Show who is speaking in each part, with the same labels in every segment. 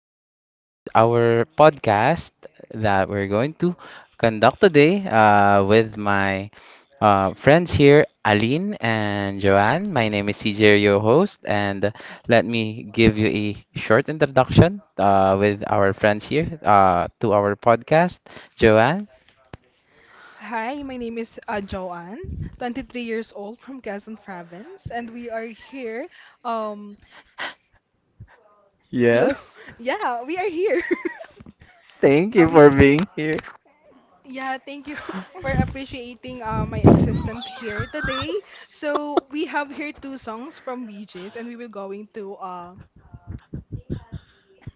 Speaker 1: So, this is our podcast that we're going to conduct today with my friends here, Aline and Joanne. My name is CJ, your host, and let me give you a short introduction with our friends here to our podcast. Joanne.
Speaker 2: Hi, my name is Joanne, 23 years old from Quezon Province, and we are here um to
Speaker 1: Yes.
Speaker 2: yeah, we are here.
Speaker 1: Thank
Speaker 2: Uh,
Speaker 1: you for
Speaker 2: we
Speaker 1: being here.
Speaker 2: yeah, thank you for appreciating my existence here today. So we have here two songs from BJ's, and we will going to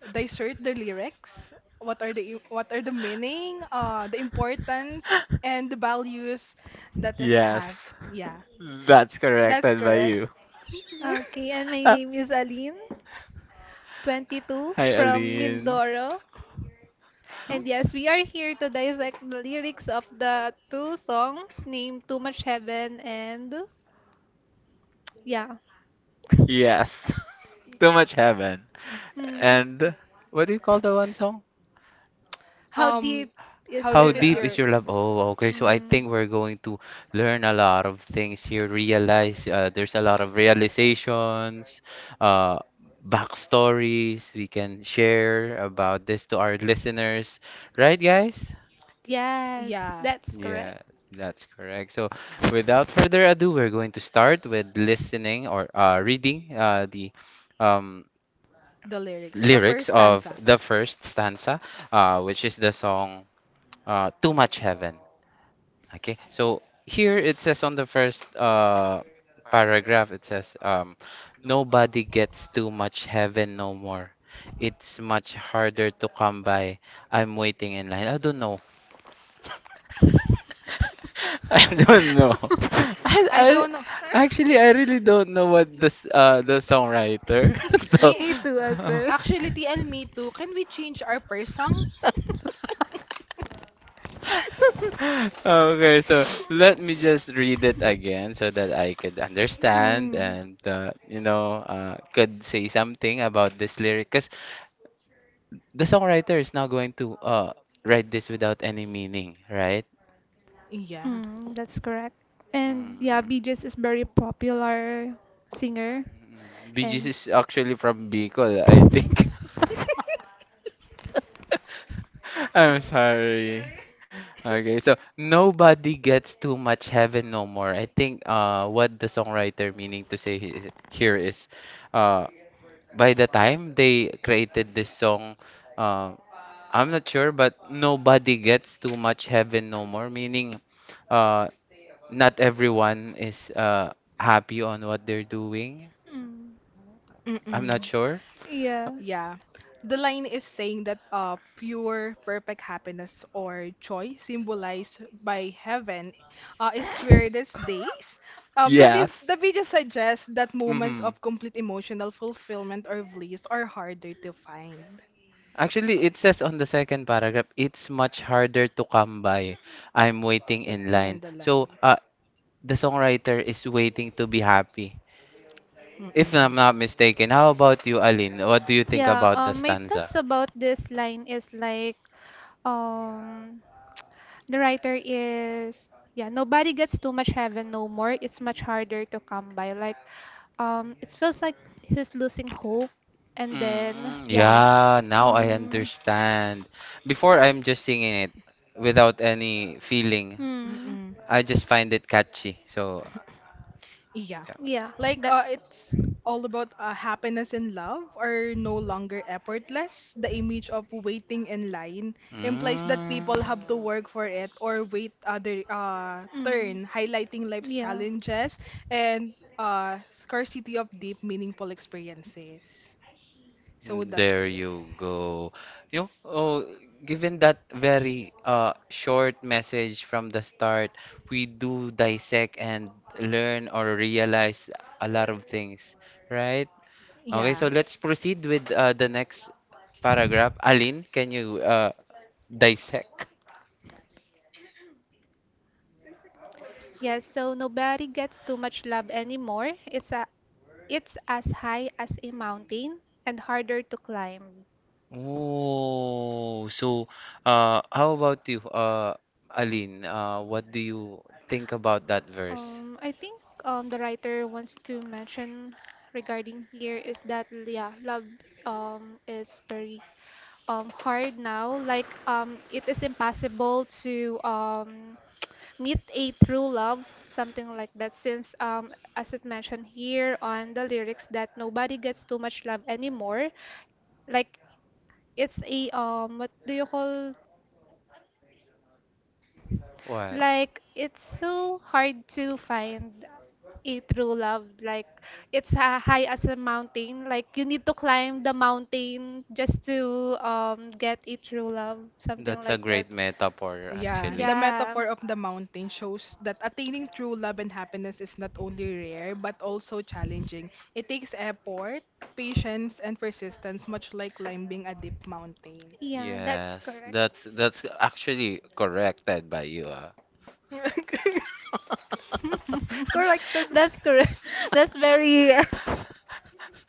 Speaker 2: dissect the lyrics. What are the what are the meaning, the importance, and the values that it
Speaker 1: Yes.
Speaker 2: has. Yeah.
Speaker 1: That's corrected by you.
Speaker 3: Okay, and my
Speaker 1: Hi,
Speaker 3: name is Aline, 22, from
Speaker 1: Aline.
Speaker 3: Mindoro. And
Speaker 2: No?
Speaker 3: yes, we are here to dissect the lyrics of the two songs named Too Much Heaven and yeah.
Speaker 1: Yes. Too much heaven.
Speaker 3: Hmm.
Speaker 1: And what do you call the one song?
Speaker 3: How
Speaker 2: Um,
Speaker 3: deep is
Speaker 2: how
Speaker 1: How
Speaker 3: your
Speaker 2: deep is
Speaker 3: love?
Speaker 1: deep
Speaker 2: your
Speaker 1: is your love? Oh, okay. So I
Speaker 3: Hmm.
Speaker 1: think we're going to learn a lot of things here. Realize there's a lot of realizations, uh, backstories we can share about this to our listeners. Right, guys?
Speaker 3: Yes,
Speaker 2: yeah,
Speaker 3: that's correct.
Speaker 1: Yeah, that's correct. So without further ado, we're going to start with listening or reading the um,
Speaker 2: the lyrics, the
Speaker 1: lyrics
Speaker 2: first
Speaker 1: of
Speaker 2: stanza.
Speaker 1: the first stanza, which is the song Too Much Heaven. Okay, so here it says on the first paragraph, it says, nobody gets too much heaven no more. It's much harder to come by. I'm waiting in line. I don't know. I don't know.
Speaker 2: I
Speaker 1: I
Speaker 2: don't know.
Speaker 1: actually I really don't know what the songwriter. So.
Speaker 2: Me
Speaker 3: Me too as well.
Speaker 2: actually TL me too. Can we change our first song?
Speaker 1: Okay, so let me just read it again so that I could understand
Speaker 3: Hmm.
Speaker 1: and you know could say something about this lyric because the songwriter is not going to write this without any meaning, right?
Speaker 2: Yeah.
Speaker 3: Mm, that's correct. And yeah,
Speaker 1: Mm.
Speaker 3: BJS is very popular singer
Speaker 1: BGC
Speaker 3: and
Speaker 1: is actually from Bicol, I think. I'm sorry. Okay, so nobody gets too much heaven no more. I think what the songwriter meaning to say here is uh by the time they created this song, uh, I'm not sure but nobody gets too much heaven no more, meaning uh not everyone is happy on what they're doing.
Speaker 3: mm,
Speaker 1: I'm not
Speaker 2: Mm-mm.
Speaker 1: sure.
Speaker 3: yeah.
Speaker 2: Yeah. The line is saying that pure, perfect happiness or joy symbolized by heaven is weirdest days. The video suggests that moments
Speaker 1: Mhm.
Speaker 2: of complete emotional fulfillment or bliss are harder to find.
Speaker 1: Actually, it says on the second paragraph, it's much harder to come by. I'm waiting in
Speaker 2: Waiting in
Speaker 1: line.
Speaker 2: the
Speaker 1: So,
Speaker 2: line.
Speaker 1: the songwriter is waiting to be happy. If
Speaker 2: Mm-mm.
Speaker 1: I'm not mistaken, how about you, Aline? What do you think
Speaker 3: Yeah,
Speaker 1: about the
Speaker 3: my
Speaker 1: stanza?
Speaker 3: thoughts about this line is like, um, the writer is, yeah, nobody gets too much heaven no more. It's much harder to come by. It feels like he's losing hope, and then
Speaker 1: Mm,
Speaker 3: yeah,
Speaker 1: yeah, now I
Speaker 3: mm,
Speaker 1: understand. Before, I'm just singing it without any feeling.
Speaker 3: hmm,
Speaker 2: Mm-mm.
Speaker 1: I just find it catchy. So,
Speaker 2: Yeah.
Speaker 1: yeah.
Speaker 3: Yeah,
Speaker 2: Like
Speaker 3: that's.
Speaker 2: it's all about happiness and love are no longer effortless. The image of waiting in line implies that
Speaker 1: Mm.
Speaker 2: people have to work for it or wait other
Speaker 3: Mm,
Speaker 2: turn, highlighting life's
Speaker 3: yeah.
Speaker 2: challenges and scarcity of deep meaningful experiences. So that's
Speaker 1: There
Speaker 2: it.
Speaker 1: you go. You know, oh, given that very short message from the start, we do dissect and learn or realize a lot of things, right? Okay,
Speaker 2: Yeah.
Speaker 1: so let's proceed with the next paragraph. Alin, can you dissect?
Speaker 3: Yeah, so nobody gets too much love anymore. It's a it's as high as a mountain and harder to climb.
Speaker 1: Oh, so how about you, Alin? What do you think about that verse?
Speaker 3: I think the writer wants to mention regarding here is that yeah, love is very hard now. Like it is impossible to meet a true love, something like that. Since as it mentioned here on the lyrics, that nobody gets too much love anymore. Like it's a what do you call?
Speaker 1: What?
Speaker 3: Like it's so hard to find a true love. Like high as a mountain. Like you need to climb the mountain just to get a true love, something
Speaker 1: That's a
Speaker 3: like that.
Speaker 1: great metaphor,
Speaker 2: Yeah,
Speaker 1: actually.
Speaker 2: the
Speaker 3: Yeah,
Speaker 2: metaphor of the mountain shows that attaining true love and happiness is not only rare but also challenging. It takes effort, patience, and persistence, much like climbing a deep mountain.
Speaker 3: yeah, that's
Speaker 1: Yes,
Speaker 3: correct.
Speaker 1: that's actually corrected by you. Ah.
Speaker 2: Corrected.
Speaker 3: That's correct. That's very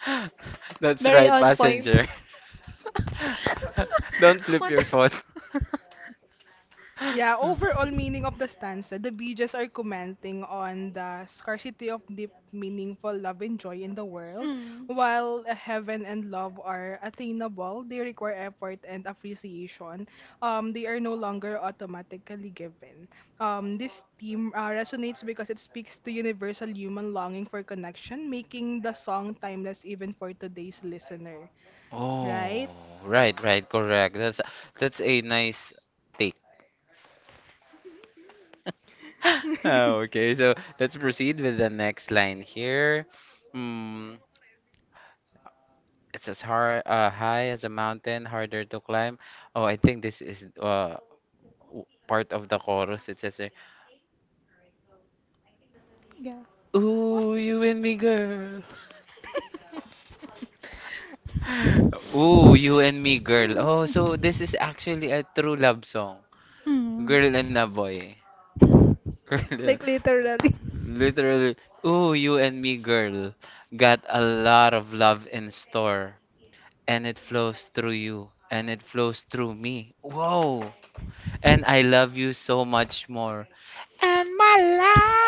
Speaker 1: That's
Speaker 3: very
Speaker 1: right,
Speaker 3: on point.
Speaker 1: passenger. Don't flip
Speaker 3: One
Speaker 1: your
Speaker 3: the-
Speaker 1: phone.
Speaker 2: Yeah, overall meaning of the stanza, the BJs are commenting on the scarcity of deep, meaningful love and joy in the world.
Speaker 3: Mm,
Speaker 2: While heaven and love are attainable, they require effort and appreciation. They are no longer automatically given. This theme resonates because it speaks to universal human longing for connection, making the song timeless even for today's listener.
Speaker 1: Oh,
Speaker 2: Right?
Speaker 1: right, right, correct. That's a nice take. Ah, okay, so let's proceed with the next line here. Hmm. It's as hard, high as a mountain, harder to climb. Oh, I think this is part of the chorus. It says, here,
Speaker 3: yeah.
Speaker 1: "Ooh, you and me, girl. Ooh, you and me,
Speaker 3: Mm.
Speaker 1: girl." Oh, so this is actually a true love song,
Speaker 3: Mm.
Speaker 1: girl and a boy. Girl,
Speaker 3: Like literally.
Speaker 1: literally, ooh, you and me, girl, got a lot of love in store, and it flows through you, and it flows through me. Whoa, and I love you so much more. And my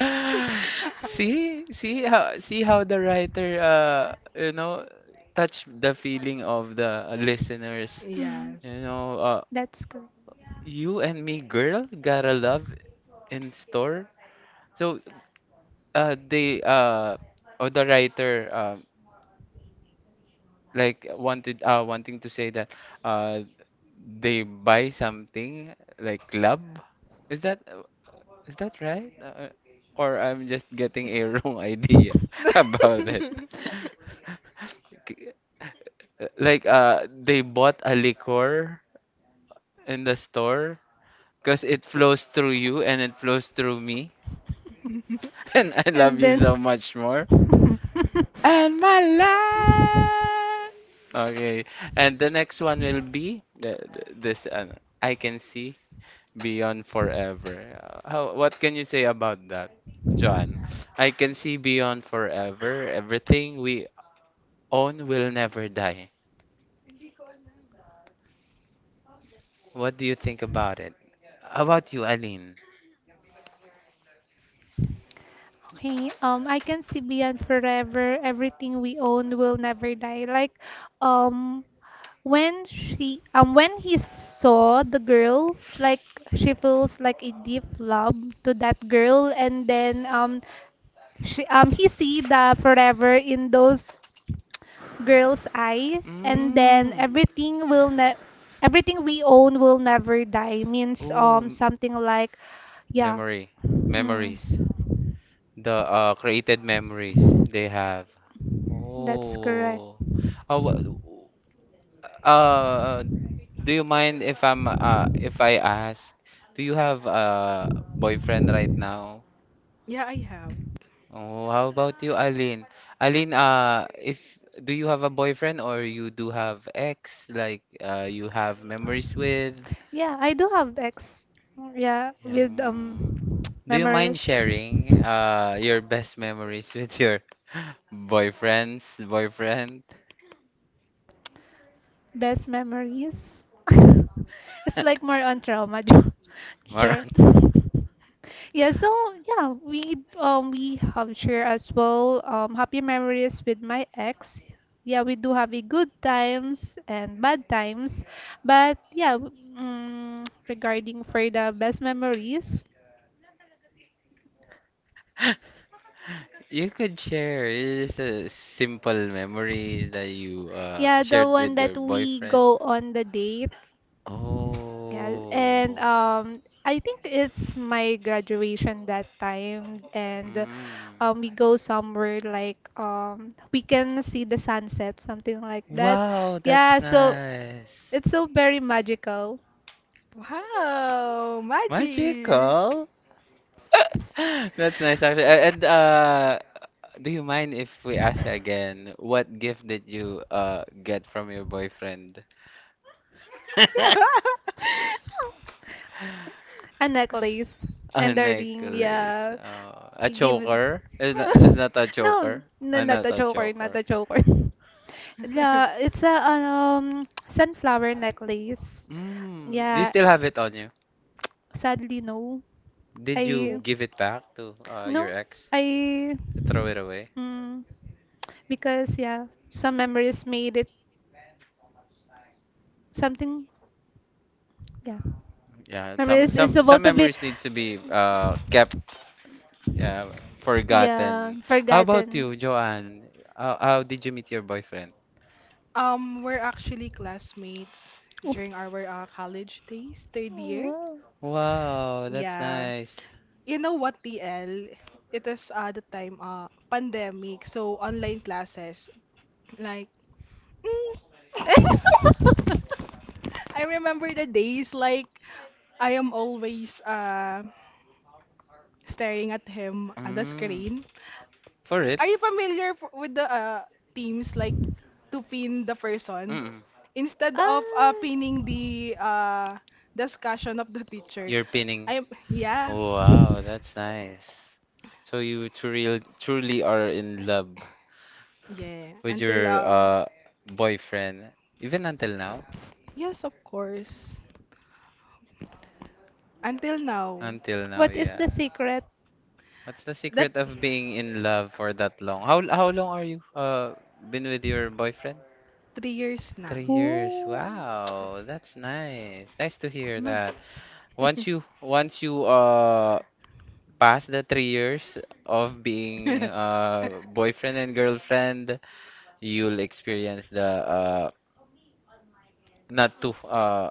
Speaker 1: life. See, see how the writer you know touch the feeling of the listeners.
Speaker 3: Mm,
Speaker 1: You
Speaker 2: Yes.
Speaker 1: know,
Speaker 3: that's good.
Speaker 1: you and me, girl, got a love in store. So they or the writer like wanted wanting to say that uh they buy something like love. Is that. Is that right? Or I'm just getting a wrong idea about it. K- like they bought a liquor in the store because it flows through you and it flows through me and I love
Speaker 3: And
Speaker 1: you
Speaker 3: then,
Speaker 1: so
Speaker 3: so
Speaker 1: much more.
Speaker 3: much more.
Speaker 1: And my life. Okay. And the next one will be this I can see Beyond Forever. How, what can you say about that, John? I can see Beyond Forever. Everything we own will never die. What do you think about it? How about you, Aline?
Speaker 3: Okay, I can see beyond forever. Everything we own will never die. Um, when when he saw the girl, like she feels like a deep love to that girl, and he see the forever in those girl's eye and then
Speaker 1: Mm.
Speaker 3: everything we own will never die means
Speaker 1: Oh,
Speaker 3: something like yeah
Speaker 1: memory.
Speaker 3: mm,
Speaker 1: Memories. The created memories they have.
Speaker 3: that's correct
Speaker 1: Oh. Uh, wha- Uh, do you mind if I'm if I ask, do you have a boyfriend right now?
Speaker 2: Yeah, I have.
Speaker 1: Oh, how about you, Aline? Aline, if do you have a boyfriend or you do have ex like you have memories with?
Speaker 3: yeah I do have ex yeah with
Speaker 1: Um, do you mind
Speaker 3: memories
Speaker 1: sharing your best memories with your boyfriends, boyfriend?
Speaker 3: best memories it's like more on trauma sure
Speaker 1: Maron?
Speaker 3: Yeah, so yeah, we have share as well happy memories with my ex. Yeah, we do have a good times and bad times, but yeah, regarding for the best memories,
Speaker 1: You could share. It's just a simple memories that you
Speaker 3: yeah, the
Speaker 1: shared
Speaker 3: one
Speaker 1: with your
Speaker 3: that we
Speaker 1: boyfriend.
Speaker 3: go on the date, yes, and
Speaker 1: Oh.
Speaker 3: I think it's my graduation that time, and
Speaker 1: Mm.
Speaker 3: we go somewhere like we can see the sunset, something like that.
Speaker 1: Wow, that's
Speaker 3: Yeah, so
Speaker 1: nice.
Speaker 3: it's so very magical.
Speaker 2: Wow, magic.
Speaker 1: Magical. That's nice actually. And do you mind if we ask again what gift did you get from your boyfriend?
Speaker 3: A necklace
Speaker 1: A
Speaker 3: and a ring,
Speaker 1: necklace.
Speaker 3: yeah.
Speaker 1: A
Speaker 3: You give it.
Speaker 1: choker? Is that a
Speaker 3: No,
Speaker 1: choker?
Speaker 3: no, not
Speaker 1: Not
Speaker 3: a
Speaker 1: a
Speaker 3: choker, not
Speaker 1: choker.
Speaker 3: a choker. Yeah, it's a sunflower necklace.
Speaker 1: Mm, do you
Speaker 3: Yeah,
Speaker 1: still have it on you?
Speaker 3: sadly no.
Speaker 1: Did you
Speaker 3: I
Speaker 2: W-
Speaker 1: give it back to your
Speaker 3: no,
Speaker 1: ex?
Speaker 3: I
Speaker 1: To throw it away?
Speaker 3: mm, because yeah, some memories made it something. Yeah.
Speaker 1: Yeah,
Speaker 3: Remember, it's
Speaker 1: some
Speaker 3: about to be.
Speaker 1: memories needs to be kept uh,
Speaker 3: Yeah,
Speaker 1: forgotten. How about
Speaker 3: forgotten.
Speaker 1: you, Joanne? How did you meet your boyfriend?
Speaker 2: We're actually classmates
Speaker 3: Oh.
Speaker 2: during our college days, third year.
Speaker 3: Wow.
Speaker 1: Wow, that's
Speaker 2: Yeah.
Speaker 1: nice.
Speaker 2: You know what, TL? It is the time pandemic, so online classes. Like, Mm. I remember the days like I am always staring at him on the
Speaker 1: Mm,
Speaker 2: screen.
Speaker 1: for it?
Speaker 2: Are you familiar with the teams like to pin the person
Speaker 1: Mm-mm.
Speaker 2: instead of
Speaker 3: ah,
Speaker 2: pinning the discussion of the teacher?
Speaker 1: You're pinning.
Speaker 2: I am yeah
Speaker 1: Wow, that's nice. So you truly truly are in love
Speaker 2: yeah
Speaker 1: with
Speaker 2: until
Speaker 1: your boyfriend even until now?
Speaker 2: yes of course until now
Speaker 1: Until now,
Speaker 3: what is
Speaker 1: yeah.
Speaker 3: the secret?
Speaker 1: What's the
Speaker 2: that
Speaker 1: secret of being in love for that long? How long are you been with your boyfriend?
Speaker 2: 3 years now.
Speaker 1: 3 years.
Speaker 3: Ooh.
Speaker 1: Wow, that's nice. Nice to hear
Speaker 3: Ma-
Speaker 1: that. Once you pass the 3 years of being boyfriend and girlfriend, you'll experience the uh not to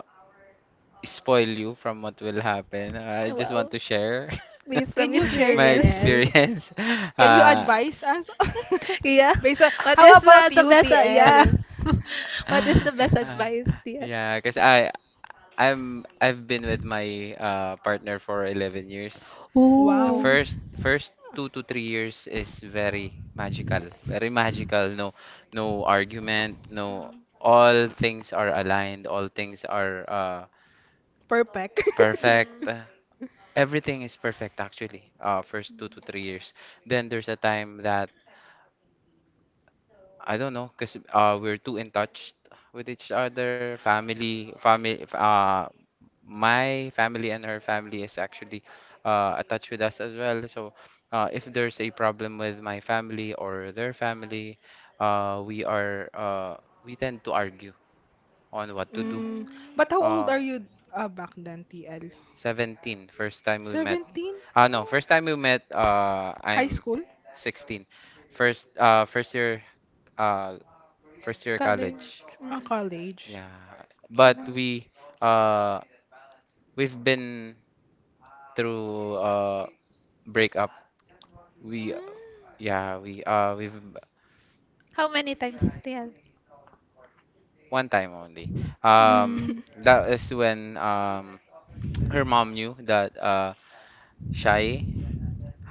Speaker 1: spoil you from what will happen. I just want
Speaker 3: Wow,
Speaker 1: to share
Speaker 3: based from
Speaker 2: Can you share
Speaker 1: my
Speaker 3: experience.
Speaker 2: TL?
Speaker 1: experience.
Speaker 2: Can you advise us?
Speaker 3: Yeah.
Speaker 2: Based on,
Speaker 3: What
Speaker 2: how
Speaker 3: is
Speaker 2: about
Speaker 3: the
Speaker 2: you,
Speaker 3: best? Yeah.
Speaker 2: TL?
Speaker 3: What is
Speaker 1: Uh
Speaker 3: the best advice, dear?
Speaker 1: yeah, because I've been with my partner for 11 years. The
Speaker 2: Wow,
Speaker 3: Ooh.
Speaker 1: first 2 to 3 years is very magical, very magical. No no argument, no all things are aligned, all things are
Speaker 2: perfect.
Speaker 3: Mm.
Speaker 1: perfect.
Speaker 3: Mm.
Speaker 1: Everything is perfect actually. First 2 to 3 years. Then there's a time that I don't know, cause we're too in touch with each other. Family, family. My family and her family is actually attached with us as well. So, if there's a problem with my family or their family, we are we tend to argue on what to do.
Speaker 2: mm, but
Speaker 3: Mm.
Speaker 2: how old
Speaker 1: Uh,
Speaker 2: are you back then, TL?
Speaker 1: 17, first time we met.
Speaker 2: 17?
Speaker 1: Ah, no, first time we met,
Speaker 2: High
Speaker 1: I'm
Speaker 2: school?
Speaker 1: 16. First, uh, first year
Speaker 3: College.
Speaker 1: college.
Speaker 2: Ah,
Speaker 3: Mm.
Speaker 2: college.
Speaker 1: Yeah, but
Speaker 3: Alam.
Speaker 1: we, uh, we've been through breakup. We,
Speaker 3: Mm.
Speaker 1: yeah, we, we've
Speaker 3: How many times still?
Speaker 1: one time only. Um,
Speaker 3: Mm.
Speaker 1: that is when her mom knew that shy.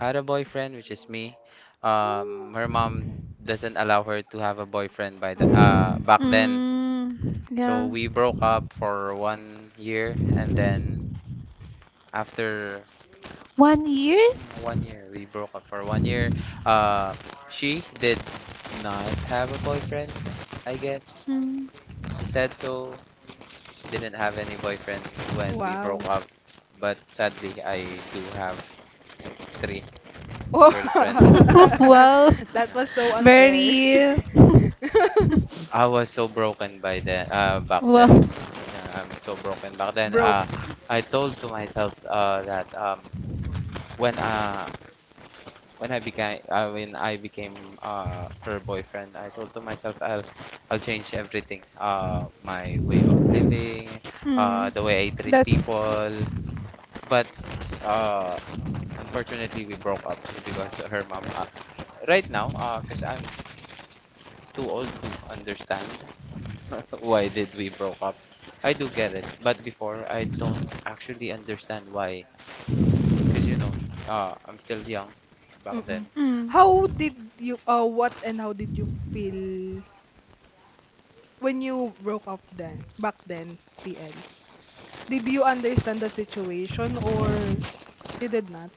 Speaker 1: Had a boyfriend, which is me. Her mom doesn't allow her to have a boyfriend by the
Speaker 2: Mm.
Speaker 3: Mm.
Speaker 1: back then.
Speaker 3: Mm. Yeah.
Speaker 1: So we broke up for one year, and then after
Speaker 3: 1 year?
Speaker 1: one year, we broke up for one year. Uh, she did not have a boyfriend, I guess.
Speaker 3: Mm.
Speaker 1: She said so. She didn't have any boyfriend when we broke
Speaker 2: Wow.
Speaker 1: up, but sadly, I do have three girlfriends.
Speaker 2: Oh,
Speaker 1: Yeah.
Speaker 3: wow.
Speaker 2: that was so unfair.
Speaker 3: Very.
Speaker 1: I was so broken by then, back then.
Speaker 3: wow.
Speaker 1: Yeah, I'm so broken back then.
Speaker 2: Broke.
Speaker 1: I told to myself that when uh, when I became her boyfriend, I told to myself I'll change everything. My way of living,
Speaker 3: Hmm.
Speaker 1: the way I treat
Speaker 3: That's.
Speaker 1: people. But uh, unfortunately, we broke up because her mom. Right now, because I'm too old to understand. Why did we broke up? I do get it, but before I don't actually understand why. Cause you know, I'm still young back then.
Speaker 2: Mm-mm.
Speaker 3: Hmm.
Speaker 2: How did you, what and how did you feel when you broke up then, back then, TL? Did you understand the situation
Speaker 1: No,
Speaker 2: or you did not?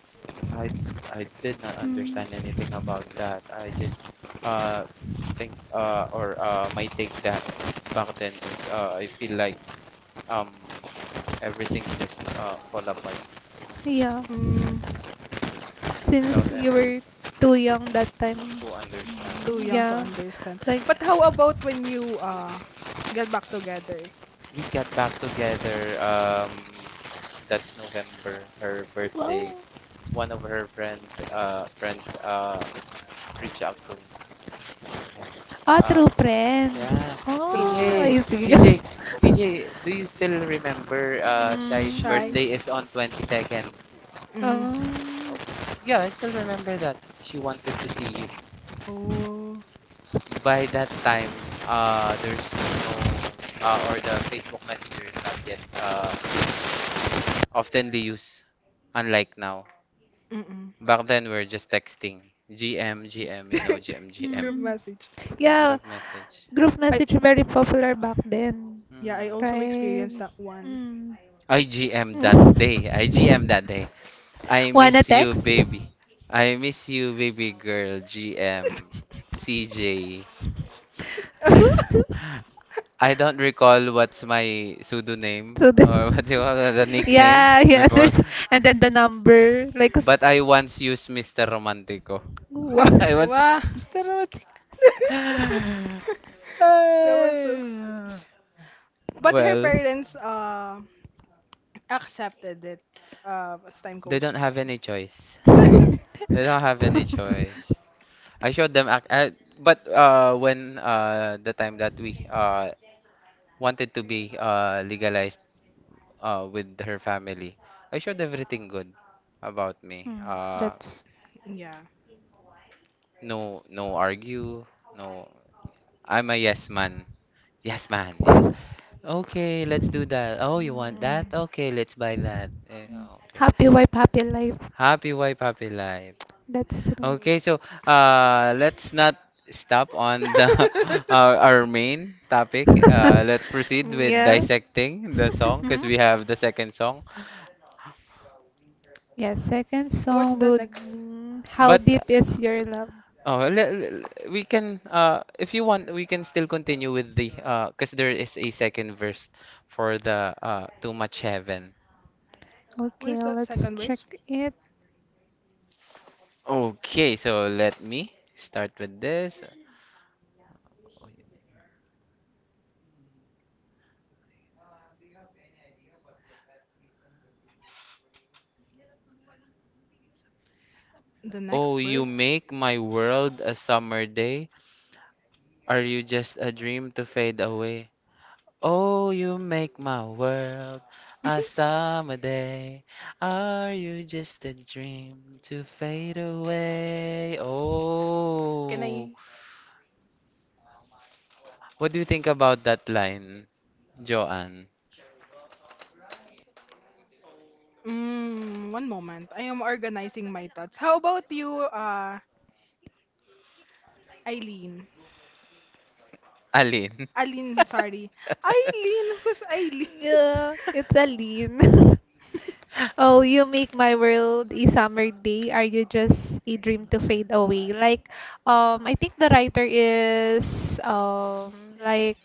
Speaker 1: I I did not
Speaker 3: Hmm.
Speaker 1: understand anything about that. I just uh think or my take that back then is I feel like um everything just fall apart
Speaker 3: Yeah.
Speaker 2: Mm,
Speaker 1: without
Speaker 3: Since you
Speaker 1: any reason
Speaker 3: were too young that time.
Speaker 1: to
Speaker 2: too
Speaker 3: Mm,
Speaker 2: young to
Speaker 1: understand.
Speaker 3: Yeah.
Speaker 2: understand.
Speaker 3: Like,
Speaker 2: But how about when you get back together?
Speaker 1: We got back together. That's November, her birthday.
Speaker 3: well.
Speaker 1: One of her friend, friends, reached out to me.
Speaker 3: Ah,
Speaker 1: Uh,
Speaker 3: through friends.
Speaker 1: yeah, C
Speaker 2: True
Speaker 3: Oh,
Speaker 1: J,
Speaker 3: I
Speaker 2: friends.
Speaker 1: C
Speaker 3: see.
Speaker 1: J, C J. Do you still remember Shai's
Speaker 3: Mm.
Speaker 2: Shy.
Speaker 1: birthday is on 22nd?
Speaker 2: Mm.
Speaker 3: Oh.
Speaker 1: Yeah, I still remember that. She wanted to see you.
Speaker 2: Oh.
Speaker 1: By that time, there's no, or the Facebook Messenger is not yet oftenly used, unlike now.
Speaker 2: Mm-mm.
Speaker 1: Back then, we're just texting. You know, GM, GM.
Speaker 2: Group
Speaker 3: Hmm.
Speaker 2: message.
Speaker 3: Yeah,
Speaker 1: Group message.
Speaker 3: group
Speaker 2: I
Speaker 3: message very popular back then,
Speaker 2: yeah, I also
Speaker 1: Hmm.
Speaker 3: right?
Speaker 2: experienced that one.
Speaker 3: Mm.
Speaker 1: IGM that day. IGM
Speaker 3: Mm.
Speaker 1: that day. I
Speaker 3: Wanna
Speaker 1: miss you,
Speaker 3: text?
Speaker 1: baby. I miss you, baby girl. GM. CJ. I don't recall what's my pseudonym
Speaker 3: So the,
Speaker 1: or what you call the nickname
Speaker 3: yeah, yeah.
Speaker 1: before,
Speaker 3: There's and then the number like. S-
Speaker 1: but I once used Mr. Romantico.
Speaker 3: Wow.
Speaker 1: I once
Speaker 2: Wow.
Speaker 1: Mr. Romantico.
Speaker 2: That was so. But her
Speaker 1: Well,
Speaker 2: parents accepted it as time
Speaker 1: they
Speaker 2: goes
Speaker 1: don't
Speaker 2: by.
Speaker 1: have any choice. They don't have any choice. I showed them, but when the time that we wanted to be legalized with her family, I showed everything good about me.
Speaker 3: Hmm, that's
Speaker 2: yeah.
Speaker 1: No, no argue. No, I'm a yes man. Yes man. Yes. Okay, let's do that. Oh, you want that?
Speaker 3: mm,
Speaker 1: Okay, let's buy that. Okay.
Speaker 3: happy wife, happy life.
Speaker 1: Happy wife, happy life.
Speaker 3: That's true.
Speaker 1: Okay, so let's not stop on the our main topic. Let's proceed with
Speaker 3: yeah.
Speaker 1: dissecting the song because
Speaker 3: Mhm.
Speaker 1: we have the second song.
Speaker 3: Yeah, second
Speaker 2: What's
Speaker 3: song
Speaker 2: the
Speaker 3: would
Speaker 2: next?
Speaker 3: be How
Speaker 1: But
Speaker 3: Deep Is Your Love?
Speaker 1: oh, we can if you want, we can still continue with the because there is a second verse for the Too Much Heaven.
Speaker 2: What
Speaker 3: Okay,
Speaker 2: is the
Speaker 3: let's
Speaker 2: second
Speaker 3: check
Speaker 2: verse?
Speaker 3: it.
Speaker 1: Okay, so let me start with this.
Speaker 2: The next
Speaker 1: Oh, you
Speaker 2: verse?
Speaker 1: make my world a summer day. Are you just a dream to fade away? Oh, you make my world a summer day. Are you just a dream to fade away?
Speaker 2: Can
Speaker 1: Oh,
Speaker 2: I?
Speaker 1: what do you think about that line, Joanne?
Speaker 2: Mm, one moment. I am organizing my thoughts. How about you, Eileen?
Speaker 1: Alin?
Speaker 2: Eileen, sorry. Eileen, who's Eileen?
Speaker 3: Yeah, it's Aline. Oh, you make my world a summer day. Are you just a dream to fade away? I think the writer is like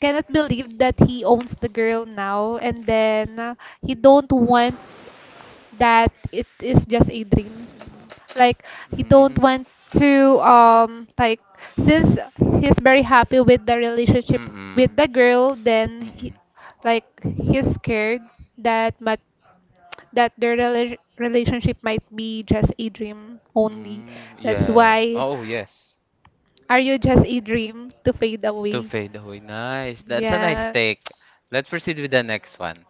Speaker 3: cannot believe that he owns the girl now, and then he don't want that it is just a dream. Like he don't
Speaker 1: Mm,
Speaker 3: want to like since he's very happy with the relationship with
Speaker 1: mm-mm,
Speaker 3: the girl, then he
Speaker 1: mm-mm.
Speaker 3: like he's scared that but that their relationship might be just a dream only.
Speaker 1: Mm,
Speaker 3: That's
Speaker 1: yeah.
Speaker 3: why
Speaker 1: Oh, yes.
Speaker 3: are you just a dream to fade
Speaker 1: To
Speaker 3: away?
Speaker 1: fade away. Nice. That's a nice
Speaker 3: Yeah.
Speaker 1: take. Let's proceed with the next one.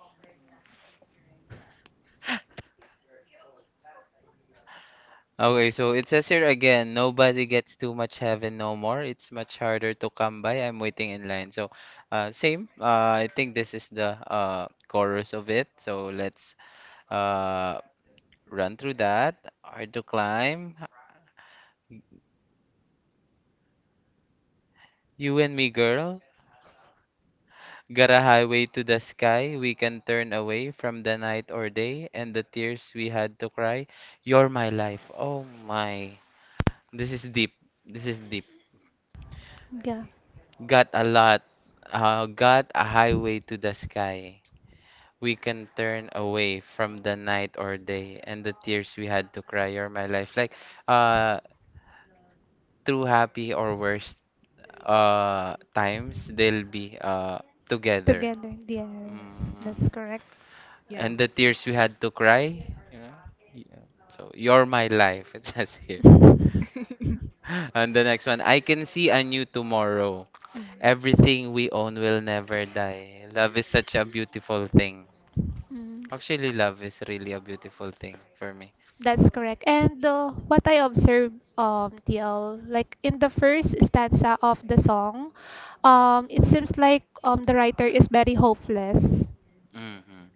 Speaker 1: Okay, so it says here again, nobody gets too much heaven no more. It's much harder to come by. I'm waiting in line. So, same. I think this is the chorus of it. So let's uh run through that. Hard to climb. You and me, girl. Got a highway to the sky. We can turn away from the night or day and the tears we had to cry. You're my life. Oh my. This is deep. This is deep.
Speaker 3: Yeah.
Speaker 1: Got a lot. Got a highway to the sky. We can turn away from the night or day and the tears we had to cry or my life. Uh, through happy or worst times, they'll be together.
Speaker 3: Together, yes,
Speaker 1: Mm.
Speaker 3: that's correct.
Speaker 2: Yeah.
Speaker 1: And the tears we had to cry. So, you're my life. It says here. And the next one, I can see a new tomorrow.
Speaker 3: Mm.
Speaker 1: Everything we own will never die. Love is such a beautiful thing.
Speaker 3: Mm,
Speaker 1: Actually, love is really a beautiful thing for me.
Speaker 3: that's correct. And what I observe, TL, like in the first stanza of the song, it seems like the writer is very hopeless.
Speaker 1: Mm-hmm.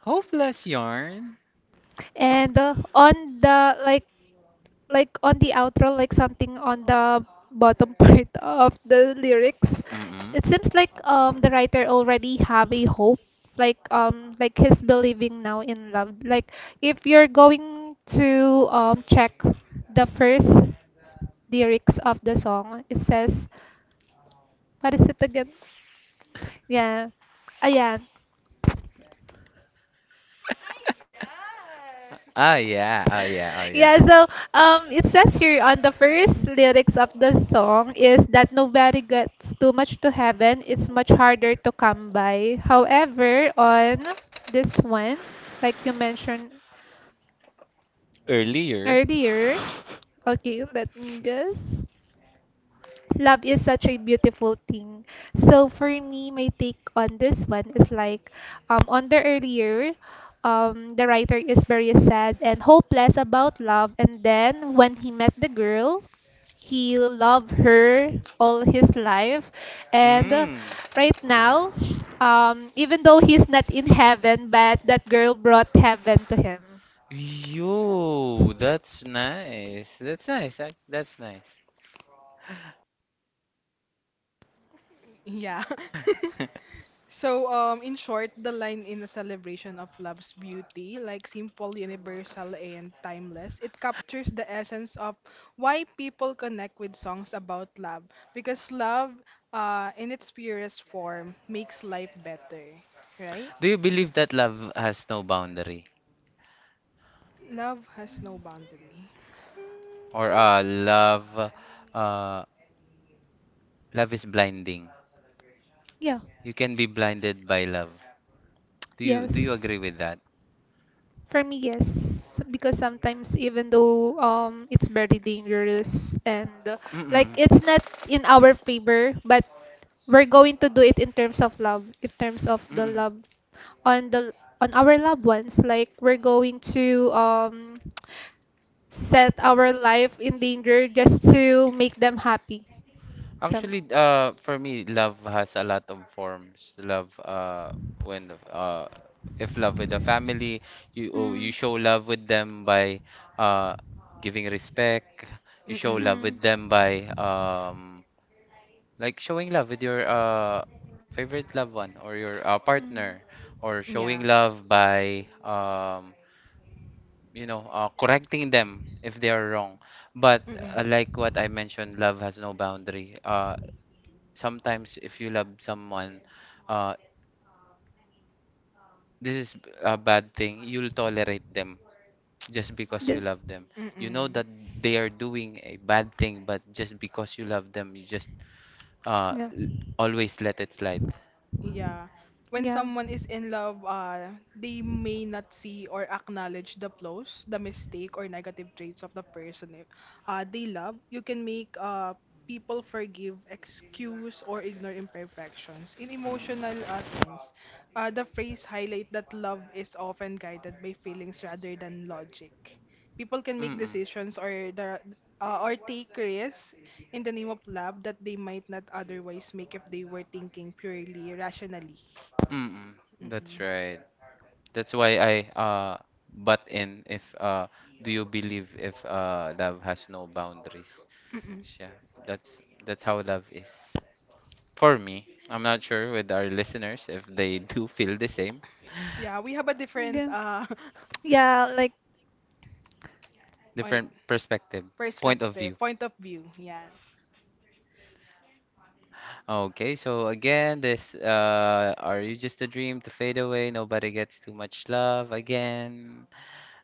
Speaker 1: Hopeless yarn.
Speaker 3: And on the like on the outro, like something on the bottom part of the lyrics,
Speaker 1: Mm-hmm.
Speaker 3: it seems like the writer already have a hope, like he's believing now in love. Like if you're going to check the first lyrics of the song, it says, what is it again? Yeah. Ayan.
Speaker 1: Ah yeah, ah yeah, ah yeah.
Speaker 3: yeah, so it says here on the first lyrics of the song is that nobody gets too much to heaven. It's much harder to come by. However, on this one, like you mentioned
Speaker 1: Earlier.
Speaker 3: earlier, okay, let me guess love is such a beautiful thing. So for me, my take on this one is like on the earlier the writer is very sad and hopeless about love and then when he met the girl he loved her all his life and
Speaker 1: Mm.
Speaker 3: right now even though he's not in heaven but that girl brought heaven to him
Speaker 1: Yo, that's nice. That's nice. That's nice.
Speaker 2: Yeah. So, in short, the line in a celebration of love's beauty, like simple, universal, and timeless, it captures the essence of why people connect with songs about love. Because love, in its purest form, makes life better, right?
Speaker 1: Do you believe that love has no boundary?
Speaker 2: Love has no boundary.
Speaker 1: Or love uh, love is blinding.
Speaker 3: yeah
Speaker 1: You can be blinded by love. Do you
Speaker 3: yes
Speaker 1: agree with that?
Speaker 3: For me, yes, because sometimes even though it's very dangerous and like
Speaker 1: Mm-mm.
Speaker 3: it's not in our favor, but we're going to do it in terms of love, in terms of the
Speaker 1: Mm-mm.
Speaker 3: love on the on our loved ones. Like we're going to set our life in danger just to make them happy. Some.
Speaker 1: Actually, for me, love has a lot of forms. Love, when if love with the family, you oh, you show love with them by uh, giving respect. You show
Speaker 2: Mm-mm.
Speaker 1: love with
Speaker 3: Mm. Mm.
Speaker 1: them by like showing love with your favorite loved one or your
Speaker 3: Mm.
Speaker 1: partner or
Speaker 2: Yeah.
Speaker 1: showing love by you know correcting them if they are wrong. But
Speaker 2: Mm-mm.
Speaker 1: like what I mentioned, love has no boundary. Sometimes if you love someone, uh this is a bad thing. You'll tolerate them just because you
Speaker 3: Just,
Speaker 1: love them. You know
Speaker 2: Mm-mm.
Speaker 1: that they are doing a bad thing, but just because you love them, you just uh
Speaker 3: yeah,
Speaker 1: l- always let it slide.
Speaker 2: Yeah. When
Speaker 3: yeah.
Speaker 2: someone is in love, they may not see or acknowledge the flaws, the mistake or negative traits of the person eh, they love. You can make people forgive, excuse, or ignore imperfections. In emotional
Speaker 1: Mm.
Speaker 2: sense, the phrase highlight that love is often guided by feelings rather than logic. People can make
Speaker 1: Mm-mm.
Speaker 2: decisions or the or take risks in the name of love that they might not otherwise make if they were thinking purely rationally.
Speaker 1: Mm-mm.
Speaker 2: Mm-mm.
Speaker 1: That's right. That's why I uh butt in if do you believe if love has no boundaries?
Speaker 2: Mm-mm.
Speaker 1: Yeah, that's how love is. For me, I'm not sure with our listeners if they do feel the same.
Speaker 2: Yeah, we have a different
Speaker 3: Yeah, yeah, like,
Speaker 2: point,
Speaker 1: Different perspective, point of
Speaker 2: perspective,
Speaker 1: view.
Speaker 2: point of view. Yeah.
Speaker 1: Okay, so again, this are you just a dream to fade away? Nobody gets too much love again.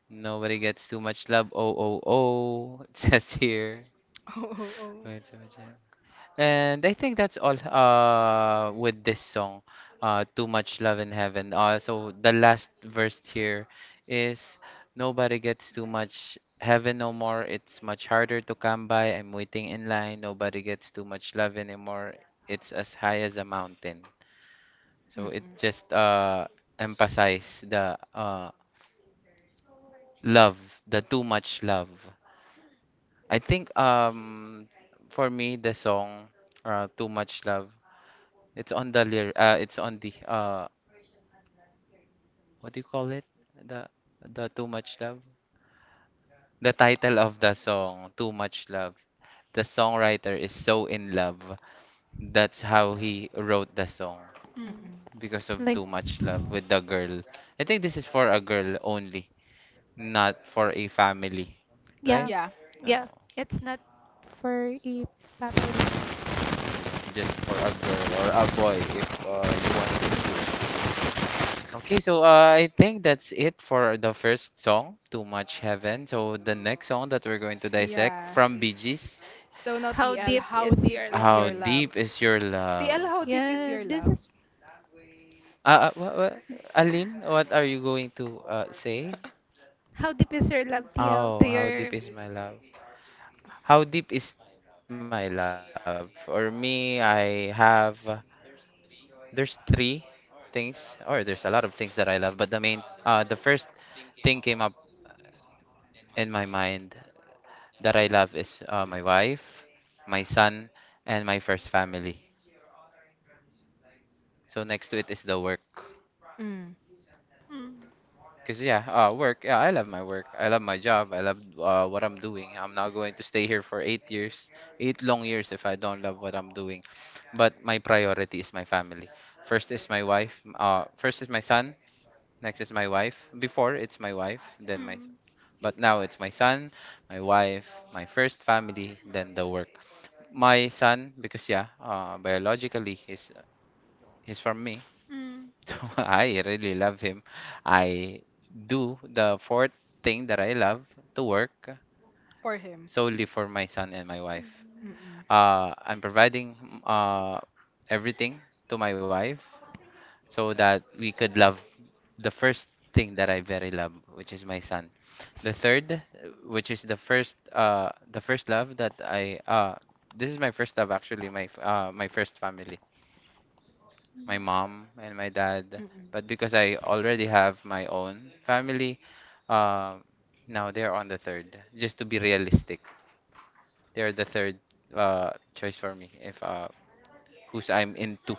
Speaker 1: Nobody gets too much love. Oh, oh, oh. It says here.
Speaker 2: Oh, oh, oh.
Speaker 1: Wait, so much love. And I think that's all with this song, Too Much Love in Heaven. So the last verse here is nobody gets too much heaven no more. It's much harder to come by. I'm waiting in line. Nobody gets too much love anymore. It's as high as a mountain. So it
Speaker 2: Mm-mm.
Speaker 1: just
Speaker 2: So,
Speaker 1: emphasize the love, the too much love. I think for me the song too much love it's on the lyr it's on the what do you call it? The the too much love. The title of the song too much love. The songwriter is so in love. That's how he wrote the song
Speaker 3: mm,
Speaker 2: mm-mm.
Speaker 1: because of
Speaker 3: like,
Speaker 1: too much love with the girl. I think this is for a girl only. Not for a family, right?
Speaker 3: yeah,
Speaker 2: Yeah.
Speaker 1: No,
Speaker 3: yeah, it's not for a family.
Speaker 1: just for a girl or a boy if you want to choose. Okay, so I think that's it for the first song, Too Much Heaven. So the next song that we're going to
Speaker 2: S-
Speaker 1: dissect
Speaker 2: Yeah.
Speaker 1: from Bee Gees,
Speaker 2: So now
Speaker 3: How
Speaker 2: TL,
Speaker 3: deep
Speaker 2: how
Speaker 3: is
Speaker 2: deep
Speaker 3: your
Speaker 2: is
Speaker 3: love?
Speaker 1: how
Speaker 2: your love?
Speaker 1: deep is your love?
Speaker 2: TL, how deep is
Speaker 3: Yeah,
Speaker 2: your
Speaker 3: this
Speaker 2: love?
Speaker 3: is
Speaker 1: Uh, uh, what, what, Aline, what are you going to say?
Speaker 3: how deep is your love, TL,
Speaker 1: Oh,
Speaker 3: to
Speaker 1: how
Speaker 3: your.
Speaker 1: deep is my love? How deep is my love? For me, I have there's three things, or there's a lot of things that I love, but the main, the first thing came up in my mind that I love is my wife, my son, and my first family. So next to it is the work.
Speaker 2: Mm.
Speaker 3: Mm,
Speaker 1: Cause yeah, work. Yeah, I love my work. I love my job. I love what I'm doing. I'm not going to stay here for 8 years, eight long years if I don't love what I'm doing. But my priority is my family. First is my wife. First is my son. Next is my wife. Before it's my wife, then my son.
Speaker 3: mm,
Speaker 1: But now it's my son, my wife, my first family, then the work. My son, because yeah, biologically he's from me.
Speaker 3: mm.
Speaker 1: So I really love him. I do the fourth thing that I love to work
Speaker 2: For him.
Speaker 1: solely for my son and my wife.
Speaker 2: Mm-mm.
Speaker 1: I'm providing uh, everything to my wife, so that we could love the first thing that I very love, which is my son. The third, which is the first love that I, this is my first love actually, my first family, my mom and my dad.
Speaker 2: Mm-mm.
Speaker 1: But because I already have my own family, uh, now they're on the third. Just to be realistic, they're the third, choice for me if, who's I'm into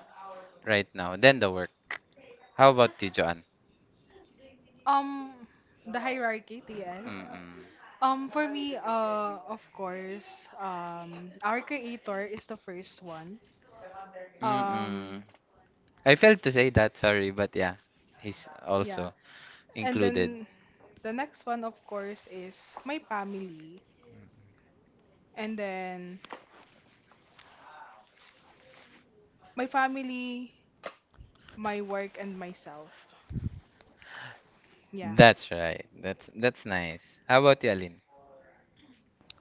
Speaker 1: right now. Then the work. How about you, Joanne?
Speaker 2: Um, the hierarchy, TL.
Speaker 1: Mm-mm.
Speaker 2: For me, of course, our creator is the first one.
Speaker 1: Mm-mm.
Speaker 2: Um,
Speaker 1: I failed to say that, sorry, but yeah, he's
Speaker 2: yeah.
Speaker 1: also
Speaker 2: And
Speaker 1: included.
Speaker 2: then the next one, of course, is my family. And then my family, my work, and myself. Yeah.
Speaker 1: That's right. That's nice. How about you, Aline?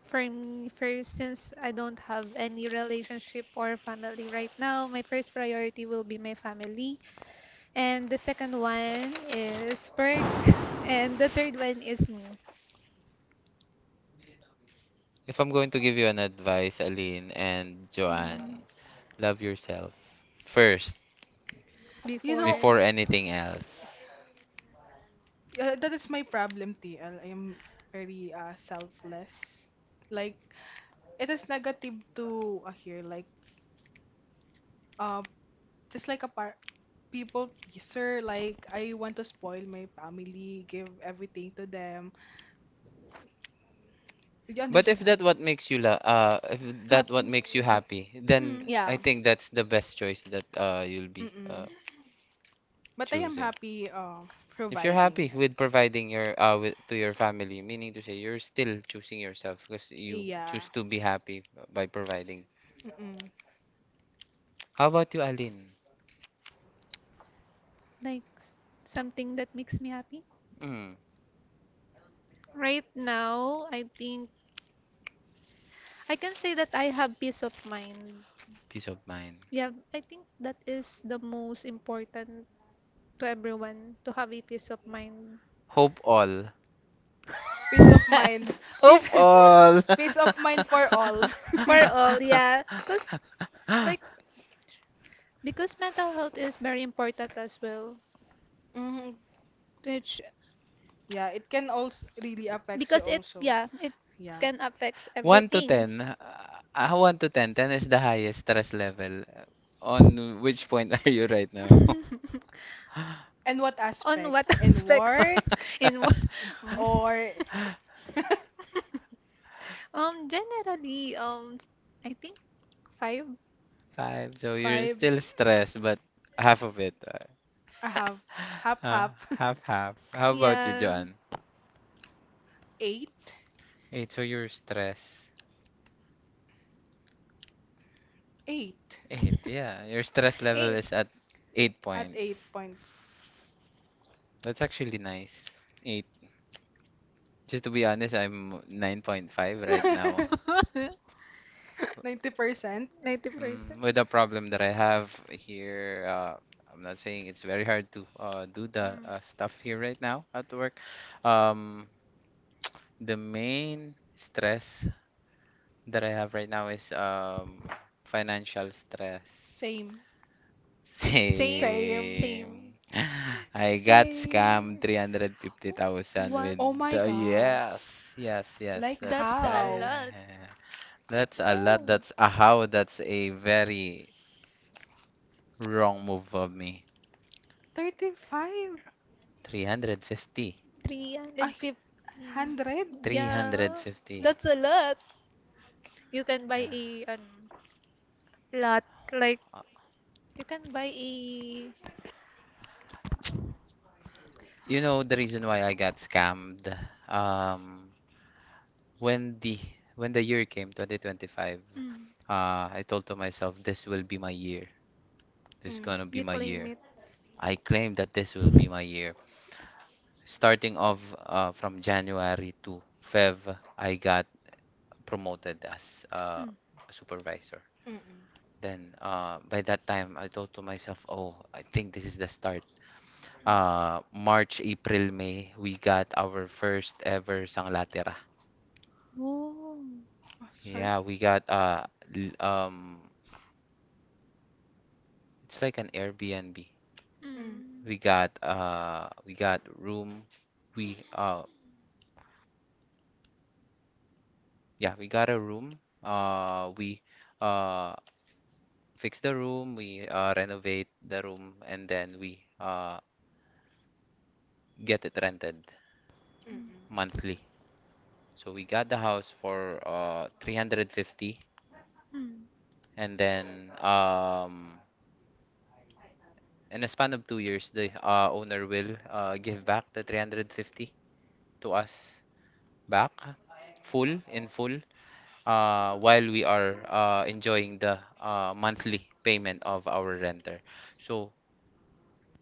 Speaker 3: For me, first, since I don't have any relationship or family right now, my first priority will be my family, and the second one is work, and the third one is me.
Speaker 1: If I'm going to give you an advice, Aline and Joanne, love yourself first
Speaker 2: You know,
Speaker 3: Before
Speaker 1: before anything else.
Speaker 2: yeah, that is my problem, TL. I am very selfless. Like, it is negative to here. Like, uh, just like a par people pleaser. Like, I want to spoil my family, give everything to them. Do you
Speaker 1: But if
Speaker 2: understand?
Speaker 1: that what makes you la if that
Speaker 3: happy
Speaker 1: what
Speaker 3: mm.
Speaker 1: makes you happy, then I
Speaker 2: Yeah.
Speaker 1: think that's the best choice that you'll be
Speaker 2: Mm-mm. But I am
Speaker 1: choosing.
Speaker 2: happy
Speaker 1: If you're
Speaker 2: providing.
Speaker 1: happy
Speaker 2: Yan.
Speaker 1: with providing your to your family, meaning to say you're still choosing yourself because you
Speaker 2: Yeah.
Speaker 1: choose to be happy by providing.
Speaker 2: Mm-mm.
Speaker 1: How about you, Alin?
Speaker 3: like s- something that makes me happy
Speaker 1: Mm,
Speaker 3: right now I think I can say that I have peace of mind
Speaker 1: peace of mind.
Speaker 3: yeah I think that is the most important to everyone to have a peace of mind
Speaker 1: Hope all.
Speaker 2: Peace of mind.
Speaker 1: Hope
Speaker 2: Peace,
Speaker 1: all.
Speaker 2: peace of mind for all.
Speaker 3: for all yeah because like because mental health is very important as well
Speaker 2: Mhm.
Speaker 3: which
Speaker 2: Yeah, it can also really affects you
Speaker 3: because it
Speaker 2: also.
Speaker 3: yeah it
Speaker 2: Yeah.
Speaker 3: can affects
Speaker 1: One to
Speaker 3: everything
Speaker 1: ten. One to ten. Ten is the highest stress level. On which point are you right now?
Speaker 2: And what
Speaker 3: on
Speaker 2: aspect?
Speaker 3: what
Speaker 2: In
Speaker 3: aspect
Speaker 2: work
Speaker 3: in what Mm.
Speaker 2: or
Speaker 3: Generally I think five
Speaker 1: Five. So you're
Speaker 2: five?
Speaker 1: still stressed, but half of it.
Speaker 2: I have half,
Speaker 1: Uh,
Speaker 2: half,
Speaker 1: half half. How about you,
Speaker 3: yeah
Speaker 1: John?
Speaker 2: eight
Speaker 1: Eight. So you're stressed.
Speaker 2: eight
Speaker 1: Eight. Yeah. Your stress level
Speaker 3: eight
Speaker 1: is at eight
Speaker 2: at eight
Speaker 1: points.
Speaker 2: point
Speaker 1: That's actually nice. Eight. Just to be honest, I'm 9.5 right now.
Speaker 2: 90%.
Speaker 3: 90%
Speaker 1: Mm, with the problem that I have here, I'm not saying it's very hard to do the
Speaker 3: Mm.
Speaker 1: stuff here right now at work. Um, The main stress that I have right now is financial stress.
Speaker 2: Same.
Speaker 3: same
Speaker 2: Same.
Speaker 3: same
Speaker 1: Same. I got scammed
Speaker 2: Same.
Speaker 3: Wh-
Speaker 1: 350,000
Speaker 3: what
Speaker 1: with
Speaker 2: Oh my
Speaker 1: the yes,
Speaker 2: gosh.
Speaker 1: yes, yes,
Speaker 2: Like
Speaker 1: that's
Speaker 3: That's a
Speaker 2: how?
Speaker 3: lot.
Speaker 1: right. That's a lot.
Speaker 3: Oh,
Speaker 1: That's a how. That's a very wrong move of me.
Speaker 2: 35?
Speaker 1: 350.
Speaker 2: Ay,
Speaker 3: 350.
Speaker 2: 100?
Speaker 3: Yeah,
Speaker 1: 350.
Speaker 3: that's a lot. You can buy
Speaker 1: Yeah.
Speaker 3: a an, lot. Like, you can buy a.
Speaker 1: You know the reason why I got scammed. Um, when the when the year came, 2025,
Speaker 3: Mm,
Speaker 1: I told to myself, this will be my year. This is
Speaker 2: Mm,
Speaker 1: gonna be
Speaker 3: you
Speaker 1: my
Speaker 3: claim
Speaker 1: year.
Speaker 3: it.
Speaker 1: I claimed that this will be my year. Starting off from January to Feb, I got promoted as
Speaker 3: Mm.
Speaker 1: a supervisor.
Speaker 2: mm-mm.
Speaker 1: Then by that time, I thought to myself, oh, I think this is the start. March, April, May, we got our first ever Sanglatera.
Speaker 3: Oh.
Speaker 2: Oh, sorry.
Speaker 1: Yeah, we got l- um it's like an Airbnb.
Speaker 2: Mm,
Speaker 3: Mm.
Speaker 1: We got room. We yeah, we got a room. We uh fix the room, we renovate the room and then we get it rented
Speaker 3: Mm.
Speaker 1: monthly. So we got the house for 350
Speaker 3: Mm.
Speaker 1: and then in a span of 2 years the owner will give back the 350 to us back full while we are enjoying the monthly payment of our renter. So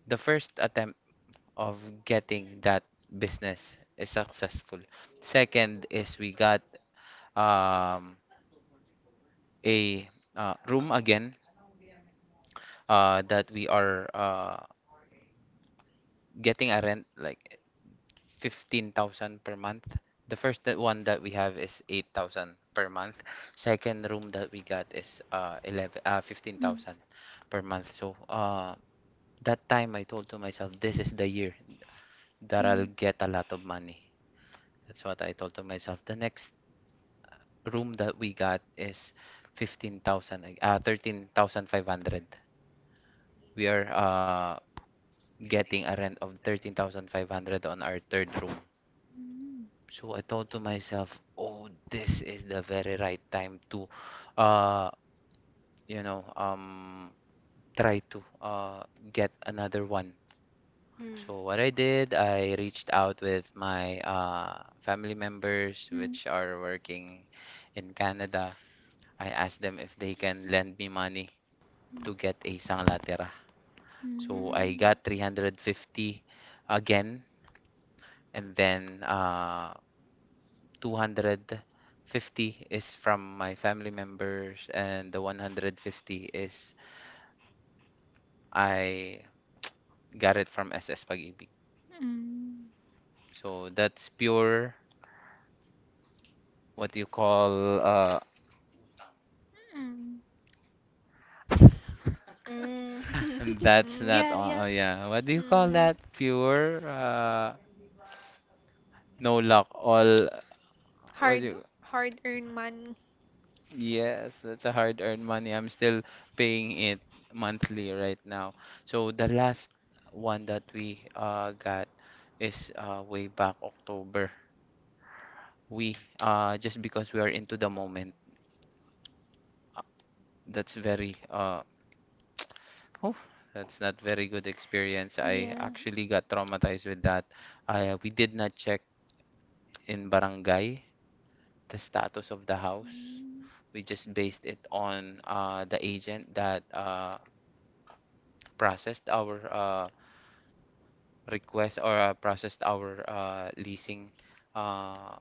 Speaker 1: the first attempt of getting that business is successful. Second is we got um, a room again that we are getting a rent like 15,000 per month. The first that one that we have is 8,000 per month. Second room that we got is uh 11 uh
Speaker 3: Mm.
Speaker 1: 15,000 per month. So that time I told to myself this is the year that I'll
Speaker 3: Mm.
Speaker 1: get a lot of money. That's what I told to myself. The next room that we got is 13,500. We are getting a rent of 13,500 on our third room.
Speaker 3: Mm.
Speaker 1: So I thought to myself, oh, this is the very right time to, uh, you know, um, try to get another one. So what I did, I reached out with my family members,
Speaker 3: Mm.
Speaker 1: which are working in Canada. I asked them if they can lend me money
Speaker 3: Mm.
Speaker 1: to get a sanglatera. So I
Speaker 3: Mm.
Speaker 1: got 350 again, and then 250 is from my family members and the 150 is I got it from SS Pag-ibig.
Speaker 3: Mm.
Speaker 1: So that's pure what do you call
Speaker 3: Mm.
Speaker 2: mm.
Speaker 1: that's
Speaker 3: Mm,
Speaker 1: not
Speaker 3: Yeah, yeah.
Speaker 1: yeah, what do you call
Speaker 3: Mm.
Speaker 1: that pure no luck all what do
Speaker 3: Hard,
Speaker 1: you
Speaker 3: hard-earned money.
Speaker 1: yes that's a hard earned money. I'm still paying it monthly right now. So the last one that we got is way back October. We just because we are into the moment, uh, that's very oh, that's not very good experience. I
Speaker 3: Yeah.
Speaker 1: actually got traumatized with that. We did not check in barangay the status of the house.
Speaker 3: Mm.
Speaker 1: We just based it on the agent that processed our request or processed our leasing uh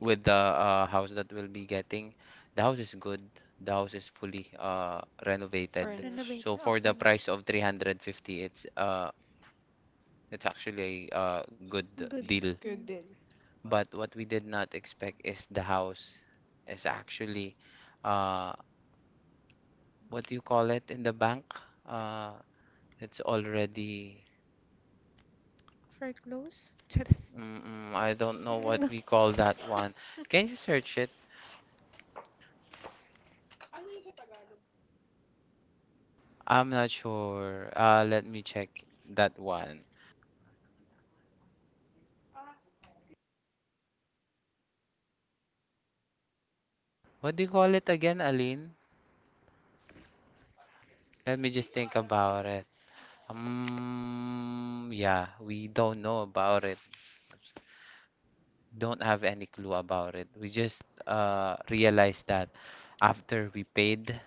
Speaker 1: with the house that we'll be getting. The house is good. The house is fully renovated.
Speaker 2: Furnish.
Speaker 3: Renovate.
Speaker 1: So
Speaker 3: Oh,
Speaker 1: for the
Speaker 3: furnish.
Speaker 1: price of 350, it's uh it's actually a good
Speaker 3: Good.
Speaker 1: deal.
Speaker 2: Good deal.
Speaker 1: But what we did not expect is the house is actually uh what do you call it in the bank? Uh it's already
Speaker 3: For clothes? Charis.
Speaker 1: I don't know what we call that one. Can you search it? I'm not sure. Let me check that one. What do you call it again, Aline? Let me just think about it. Yeah, we don't know about it. Don't have any clue about it. We just realized that after we paid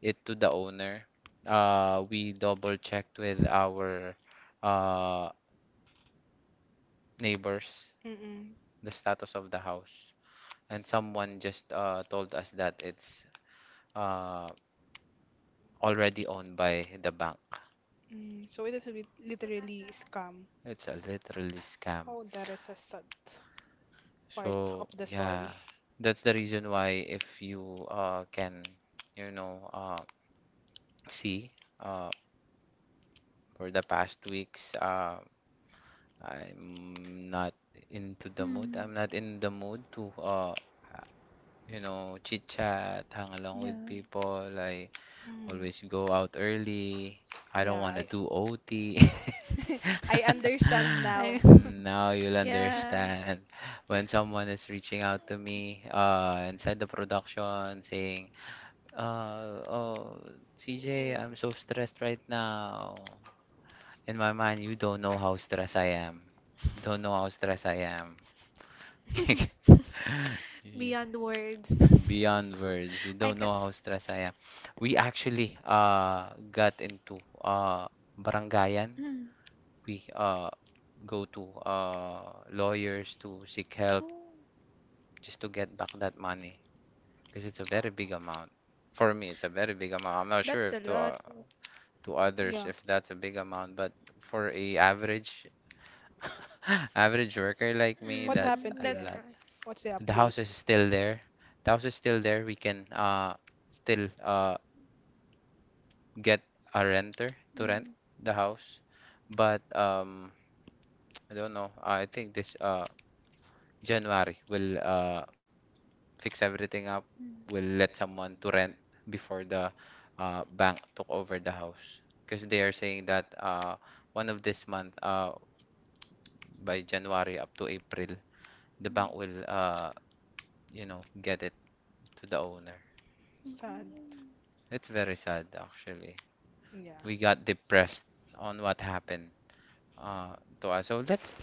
Speaker 1: it to the owner, we double checked with our uh neighbors
Speaker 2: Mm,
Speaker 1: the status of the house, and someone just told us that it's uh already owned by the bank.
Speaker 2: mm. So it is literally scam.
Speaker 1: It's a literally scam.
Speaker 2: Oh, that is a sad part of
Speaker 1: So
Speaker 2: the
Speaker 1: yeah,
Speaker 2: story.
Speaker 1: that's the reason why if you can, you know, uh see uh for the past weeks, I'm not into the mood.
Speaker 3: Hmm.
Speaker 1: I'm not in the mood to you know, chit chat, hang along
Speaker 3: Yeah.
Speaker 1: with people. I
Speaker 2: Mm.
Speaker 1: always go out early. I don't
Speaker 2: Yeah,
Speaker 1: want to
Speaker 2: I
Speaker 1: do OT.
Speaker 2: I understand now.
Speaker 3: I
Speaker 1: Now you'll
Speaker 3: yeah.
Speaker 1: understand when someone is reaching out to me inside the production saying, oh, CJ,
Speaker 2: Mm.
Speaker 1: I'm so stressed right now. In my mind, you don't know how stressed I am. You don't know how stressed I am.
Speaker 3: Beyond words.
Speaker 1: Beyond words, you
Speaker 3: I
Speaker 1: don't
Speaker 3: can.
Speaker 1: know how stressed I am. We actually got into barangayan.
Speaker 3: Mm.
Speaker 1: We go to lawyers to seek help
Speaker 3: Oh,
Speaker 1: just to get back that money because it's a very big amount. For me, it's a very big amount. I'm not sure
Speaker 3: that's a
Speaker 1: if to
Speaker 3: lot.
Speaker 1: to others
Speaker 2: yeah.
Speaker 1: if that's a big amount, but for a average average worker like me,
Speaker 2: What
Speaker 1: that's
Speaker 2: happened,
Speaker 3: Mm,
Speaker 1: a
Speaker 3: that's
Speaker 2: TL?
Speaker 1: lot.
Speaker 3: correct.
Speaker 2: What's the
Speaker 1: The house
Speaker 2: update?
Speaker 1: is still there. The house is still there. We can still get a renter to rent
Speaker 3: Mm,
Speaker 1: the house. But I don't know. I think this January we'll fix everything up. We'll
Speaker 3: mm,
Speaker 1: let someone to rent before the bank took over the house. Because they are saying that one of this month, by January up to April, the
Speaker 3: mm.
Speaker 1: bank will, get it to the owner.
Speaker 2: Sad.
Speaker 1: It's very sad, actually.
Speaker 2: Yeah.
Speaker 1: We got depressed on what happened to us. So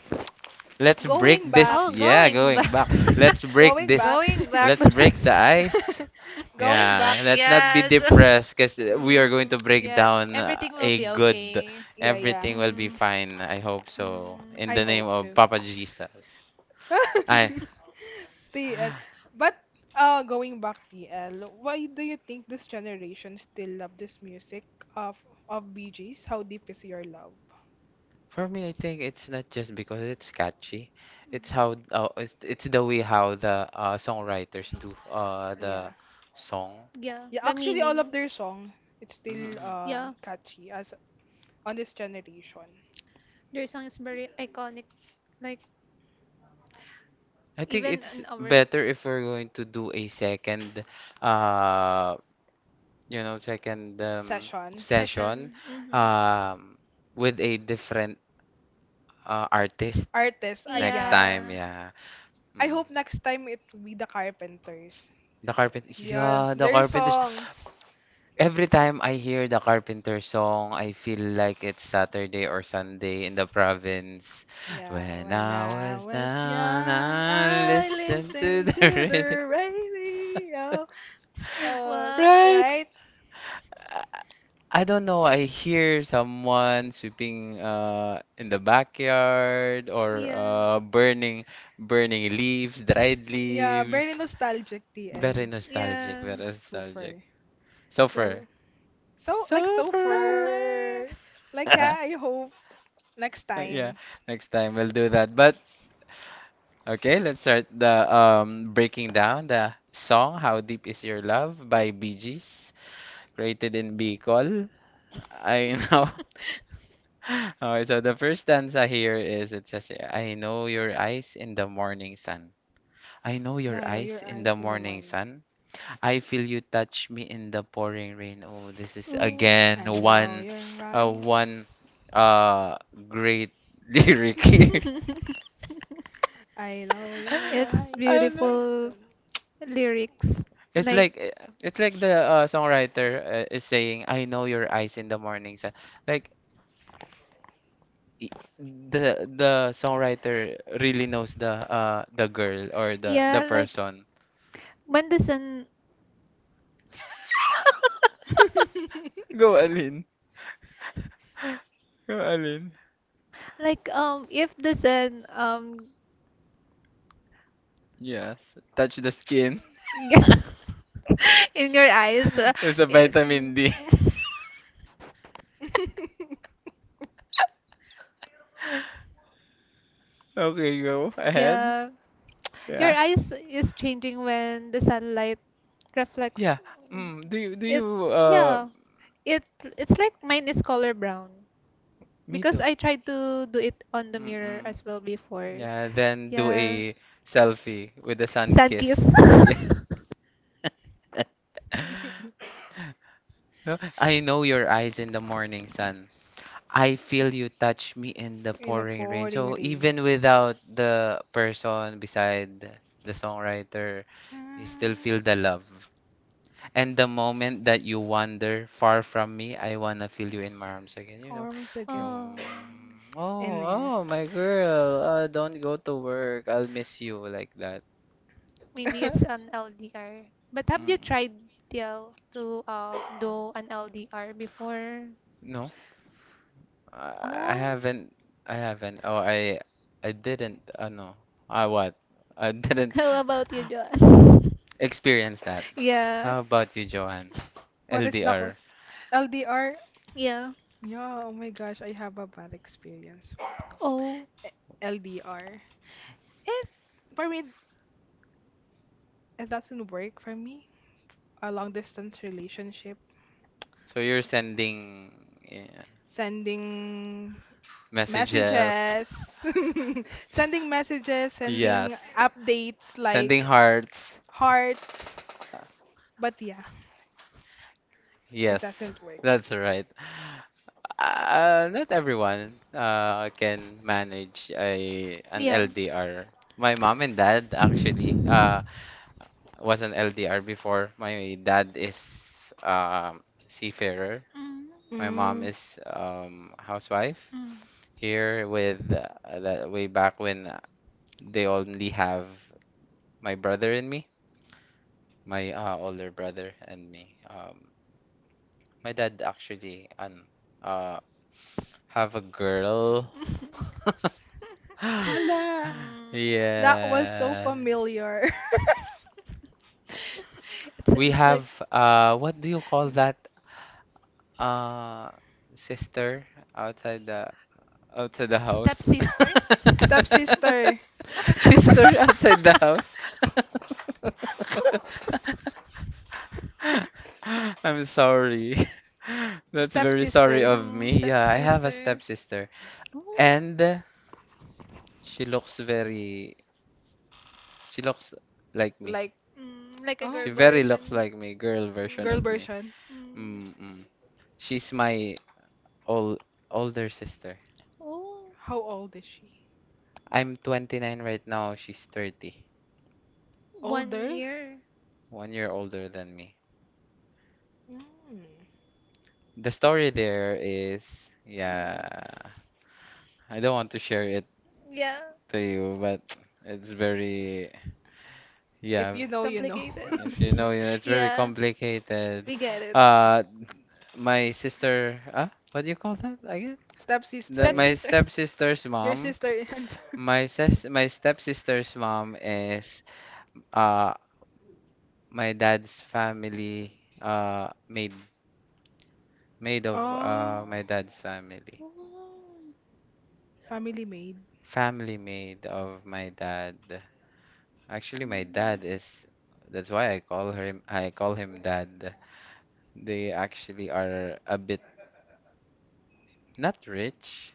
Speaker 1: Let's break
Speaker 2: Going
Speaker 1: this.
Speaker 2: back.
Speaker 3: Oh,
Speaker 1: Yeah,
Speaker 3: going
Speaker 1: going back.
Speaker 3: back.
Speaker 1: Let's break
Speaker 2: Going
Speaker 1: this.
Speaker 2: back.
Speaker 3: Going back
Speaker 1: Let's
Speaker 3: to
Speaker 1: break
Speaker 3: this.
Speaker 1: the ice.
Speaker 2: Going back.
Speaker 1: Yeah, let's not be
Speaker 3: Yes.
Speaker 1: depressed because we are going
Speaker 3: Mm,
Speaker 1: to break
Speaker 3: yeah,
Speaker 1: down
Speaker 3: everything will
Speaker 1: a
Speaker 3: be
Speaker 1: good.
Speaker 3: okay.
Speaker 2: Yeah, yeah.
Speaker 1: Everything will be
Speaker 3: Mm,
Speaker 1: fine. I hope
Speaker 3: mm.
Speaker 1: so. In
Speaker 2: I
Speaker 1: the name
Speaker 2: hope
Speaker 1: of
Speaker 2: too.
Speaker 1: Papa Jesus. I.
Speaker 2: TL. But going back, TL, why do you think this generation still love this music of of Bee Gees? How deep is your love?
Speaker 1: For me, I think it's not just because it's catchy. It's how it's the way how the songwriters do the
Speaker 2: Yeah,
Speaker 1: song.
Speaker 3: Yeah,
Speaker 2: yeah.
Speaker 3: the
Speaker 2: Actually, all of
Speaker 3: meaning.
Speaker 2: their song it's still
Speaker 1: Mm-mm.
Speaker 3: Yeah,
Speaker 2: catchy as on this generation.
Speaker 3: their song is very iconic. Like,
Speaker 1: I think
Speaker 3: even
Speaker 1: it's
Speaker 3: in our.
Speaker 1: better if we're going to do a second, uh, second
Speaker 2: Session
Speaker 1: session
Speaker 3: Session. Hmm
Speaker 1: um, with a different artist
Speaker 2: artist. Ah,
Speaker 1: next
Speaker 2: yeah.
Speaker 1: time.
Speaker 3: Yeah.
Speaker 1: Yeah.
Speaker 2: I
Speaker 1: Mm.
Speaker 2: hope next time it will be the Carpenters.
Speaker 1: The Carpenters.
Speaker 2: Yeah,
Speaker 1: Yeah, the
Speaker 2: their
Speaker 1: Carpenters.
Speaker 2: songs.
Speaker 1: Every time I hear the carpenter song, I feel like it's Saturday or Sunday in the province.
Speaker 2: Yeah,
Speaker 1: When
Speaker 2: when
Speaker 1: I
Speaker 2: I
Speaker 1: was
Speaker 2: was
Speaker 1: down,
Speaker 2: young,
Speaker 1: I
Speaker 2: I
Speaker 1: listened to
Speaker 2: listened
Speaker 1: the
Speaker 2: to
Speaker 1: rhythm.
Speaker 2: the radio. Oh,
Speaker 3: well,
Speaker 1: Right?
Speaker 2: right?
Speaker 1: I I don't know. I hear someone sweeping in the backyard or
Speaker 3: yeah,
Speaker 1: burning leaves, dried
Speaker 2: Yeah,
Speaker 1: leaves.
Speaker 2: very nostalgic,
Speaker 1: Very
Speaker 2: TL.
Speaker 1: nostalgic,
Speaker 2: So,
Speaker 3: yeah.
Speaker 1: very nostalgic.
Speaker 2: super.
Speaker 1: Sulfur.
Speaker 2: So, so, like, so
Speaker 3: It's
Speaker 1: Sulfur.
Speaker 3: over.
Speaker 2: far. Like, yeah, I hope next
Speaker 1: Yeah,
Speaker 2: time.
Speaker 1: next time we'll do that. But okay, let's start the breaking down the song "How Deep Is Your Love" by Bee Gees, created in Bicol. I know Okay, so the first stanza here is it says, I know your eyes in the morning sun. I know your
Speaker 2: Now
Speaker 1: eyes
Speaker 2: your
Speaker 1: in the
Speaker 2: eyes in the
Speaker 1: morning
Speaker 2: morning.
Speaker 1: sun. I feel you touch me in the pouring rain. Oh, this is
Speaker 3: Ooh.
Speaker 1: again
Speaker 2: And now
Speaker 1: one,
Speaker 2: your
Speaker 1: uh,
Speaker 2: eyes.
Speaker 1: one, uh, great lyric here.
Speaker 2: I know your
Speaker 3: it's
Speaker 1: I
Speaker 2: eyes
Speaker 1: know.
Speaker 2: in
Speaker 3: beautiful lyrics.
Speaker 1: It's like
Speaker 3: Like,
Speaker 1: it's like the songwriter is saying, "I know your eyes in the morning sun." Like i- the songwriter really knows the girl or the
Speaker 3: yeah, like
Speaker 1: person.
Speaker 3: when the sun
Speaker 1: Go Alin. Go Alin.
Speaker 3: like if the sun
Speaker 1: Yes. Touch the skin.
Speaker 3: in your eyes
Speaker 1: It's a
Speaker 3: it,
Speaker 1: vitamin D.
Speaker 2: the
Speaker 1: Okay, go ahead.
Speaker 3: yeah your
Speaker 1: Yeah.
Speaker 3: eyes is changing when the sunlight reflects
Speaker 1: Yeah. Mm, do you do
Speaker 3: it
Speaker 1: you uh
Speaker 3: yeah it it's like mine is color brown
Speaker 1: me
Speaker 3: because
Speaker 1: too.
Speaker 3: I tried to do it on the mirror
Speaker 1: Mm-mm.
Speaker 3: as well before
Speaker 1: Yeah, then do
Speaker 3: yeah
Speaker 1: a selfie with the sun
Speaker 3: sun kiss
Speaker 1: kiss. Yeah.
Speaker 2: morning.
Speaker 1: No, I know your eyes in the morning sun. I feel you touch me in the
Speaker 2: in a
Speaker 1: pouring rain.
Speaker 2: pouring
Speaker 1: So
Speaker 2: rain.
Speaker 1: even without the person beside the songwriter,
Speaker 2: Hi,
Speaker 1: you still feel the love. And the moment that you wander far from me, I wanna feel you in my arms again. You know,
Speaker 2: hormones again.
Speaker 3: oh
Speaker 1: Yung, oh,
Speaker 2: And yeah.
Speaker 1: oh, my girl, don't go to work. I'll miss you like that.
Speaker 3: Maybe it's an LDR. But have you
Speaker 1: Mm-mm.
Speaker 3: tried TL to do an LDR before?
Speaker 1: No, I
Speaker 3: Oh,
Speaker 1: haven't. I haven't. Oh, I didn't. No, I what? I didn't
Speaker 3: how about you, John?
Speaker 1: experience that.
Speaker 3: Yeah,
Speaker 1: How about you, Joanne?
Speaker 2: What is the
Speaker 1: LDR.
Speaker 2: cause? LDR?
Speaker 3: yeah.
Speaker 2: Yeah, oh my gosh, I have a bad experience.
Speaker 3: Oh,
Speaker 2: Eh, LDR. It, for me, it doesn't work for me. A long distance relationship.
Speaker 1: So you're sending, yeah,
Speaker 2: Sending
Speaker 1: messages.
Speaker 2: messages, sending messages,
Speaker 1: Yes.
Speaker 2: sending updates
Speaker 1: Sending
Speaker 2: like
Speaker 1: hearts.
Speaker 2: hearts. But yeah, it
Speaker 1: Yes,
Speaker 2: doesn't work.
Speaker 1: that's right. Not everyone can manage a an
Speaker 3: yeah.
Speaker 1: LDR. My mom and dad actually was an LDR before. My dad is um, seafarer. My
Speaker 3: Mm.
Speaker 1: mom
Speaker 2: Mm.
Speaker 1: is housewife
Speaker 3: Mm.
Speaker 1: here with that way back when they only have my brother and me, my older brother and me. My dad actually an uh, have a girl.
Speaker 2: Hala,
Speaker 3: Mm.
Speaker 2: that was so
Speaker 1: Yeah.
Speaker 2: familiar.
Speaker 3: It
Speaker 1: We
Speaker 3: seems like
Speaker 1: have what do you call that uh sister outside the house?
Speaker 3: Stepsister?
Speaker 2: Stepsister.
Speaker 1: Sister outside the house. I'm sorry. That's very sorry
Speaker 2: Stepsister.
Speaker 1: of
Speaker 3: Mm,
Speaker 1: me. Yeah, I have a
Speaker 3: stepsister.
Speaker 1: stepsister
Speaker 3: Oh.
Speaker 1: and she looks very she looks like me.
Speaker 2: Like,
Speaker 3: Mm, like a
Speaker 2: oh,
Speaker 3: girl
Speaker 1: She very looks
Speaker 3: version.
Speaker 1: like me, girl version
Speaker 2: girl
Speaker 3: Mm,
Speaker 1: of me.
Speaker 2: version.
Speaker 3: mm.
Speaker 1: Mm-mm. She's my ol older sister.
Speaker 3: Oh,
Speaker 2: How old is she?
Speaker 1: I'm 29 right now. She's 30.
Speaker 3: one
Speaker 2: Older?
Speaker 3: year.
Speaker 1: One year older than me.
Speaker 2: Mm.
Speaker 1: The story there is, yeah,
Speaker 3: Mm.
Speaker 1: I don't want to share it
Speaker 3: Yeah,
Speaker 1: to you, but it's very,
Speaker 2: If
Speaker 1: yeah.
Speaker 2: you know, you know.
Speaker 3: complicated.
Speaker 1: If you know, yeah, it's very
Speaker 3: yeah,
Speaker 1: complicated.
Speaker 3: we get it.
Speaker 1: Uh, my sister, ah, what do you call that again?
Speaker 2: Stepsister.
Speaker 1: My
Speaker 3: Stepsister.
Speaker 1: stepsister's
Speaker 2: Your
Speaker 1: mom.
Speaker 2: sister and
Speaker 1: My stepsister's mom is uh my dad's family uh maid maid of
Speaker 2: Oh,
Speaker 1: my dad's family,
Speaker 3: Oh.
Speaker 2: family maid.
Speaker 1: family maid of my dad. Actually, my dad is that's why I call him dad. They actually are a bit not rich.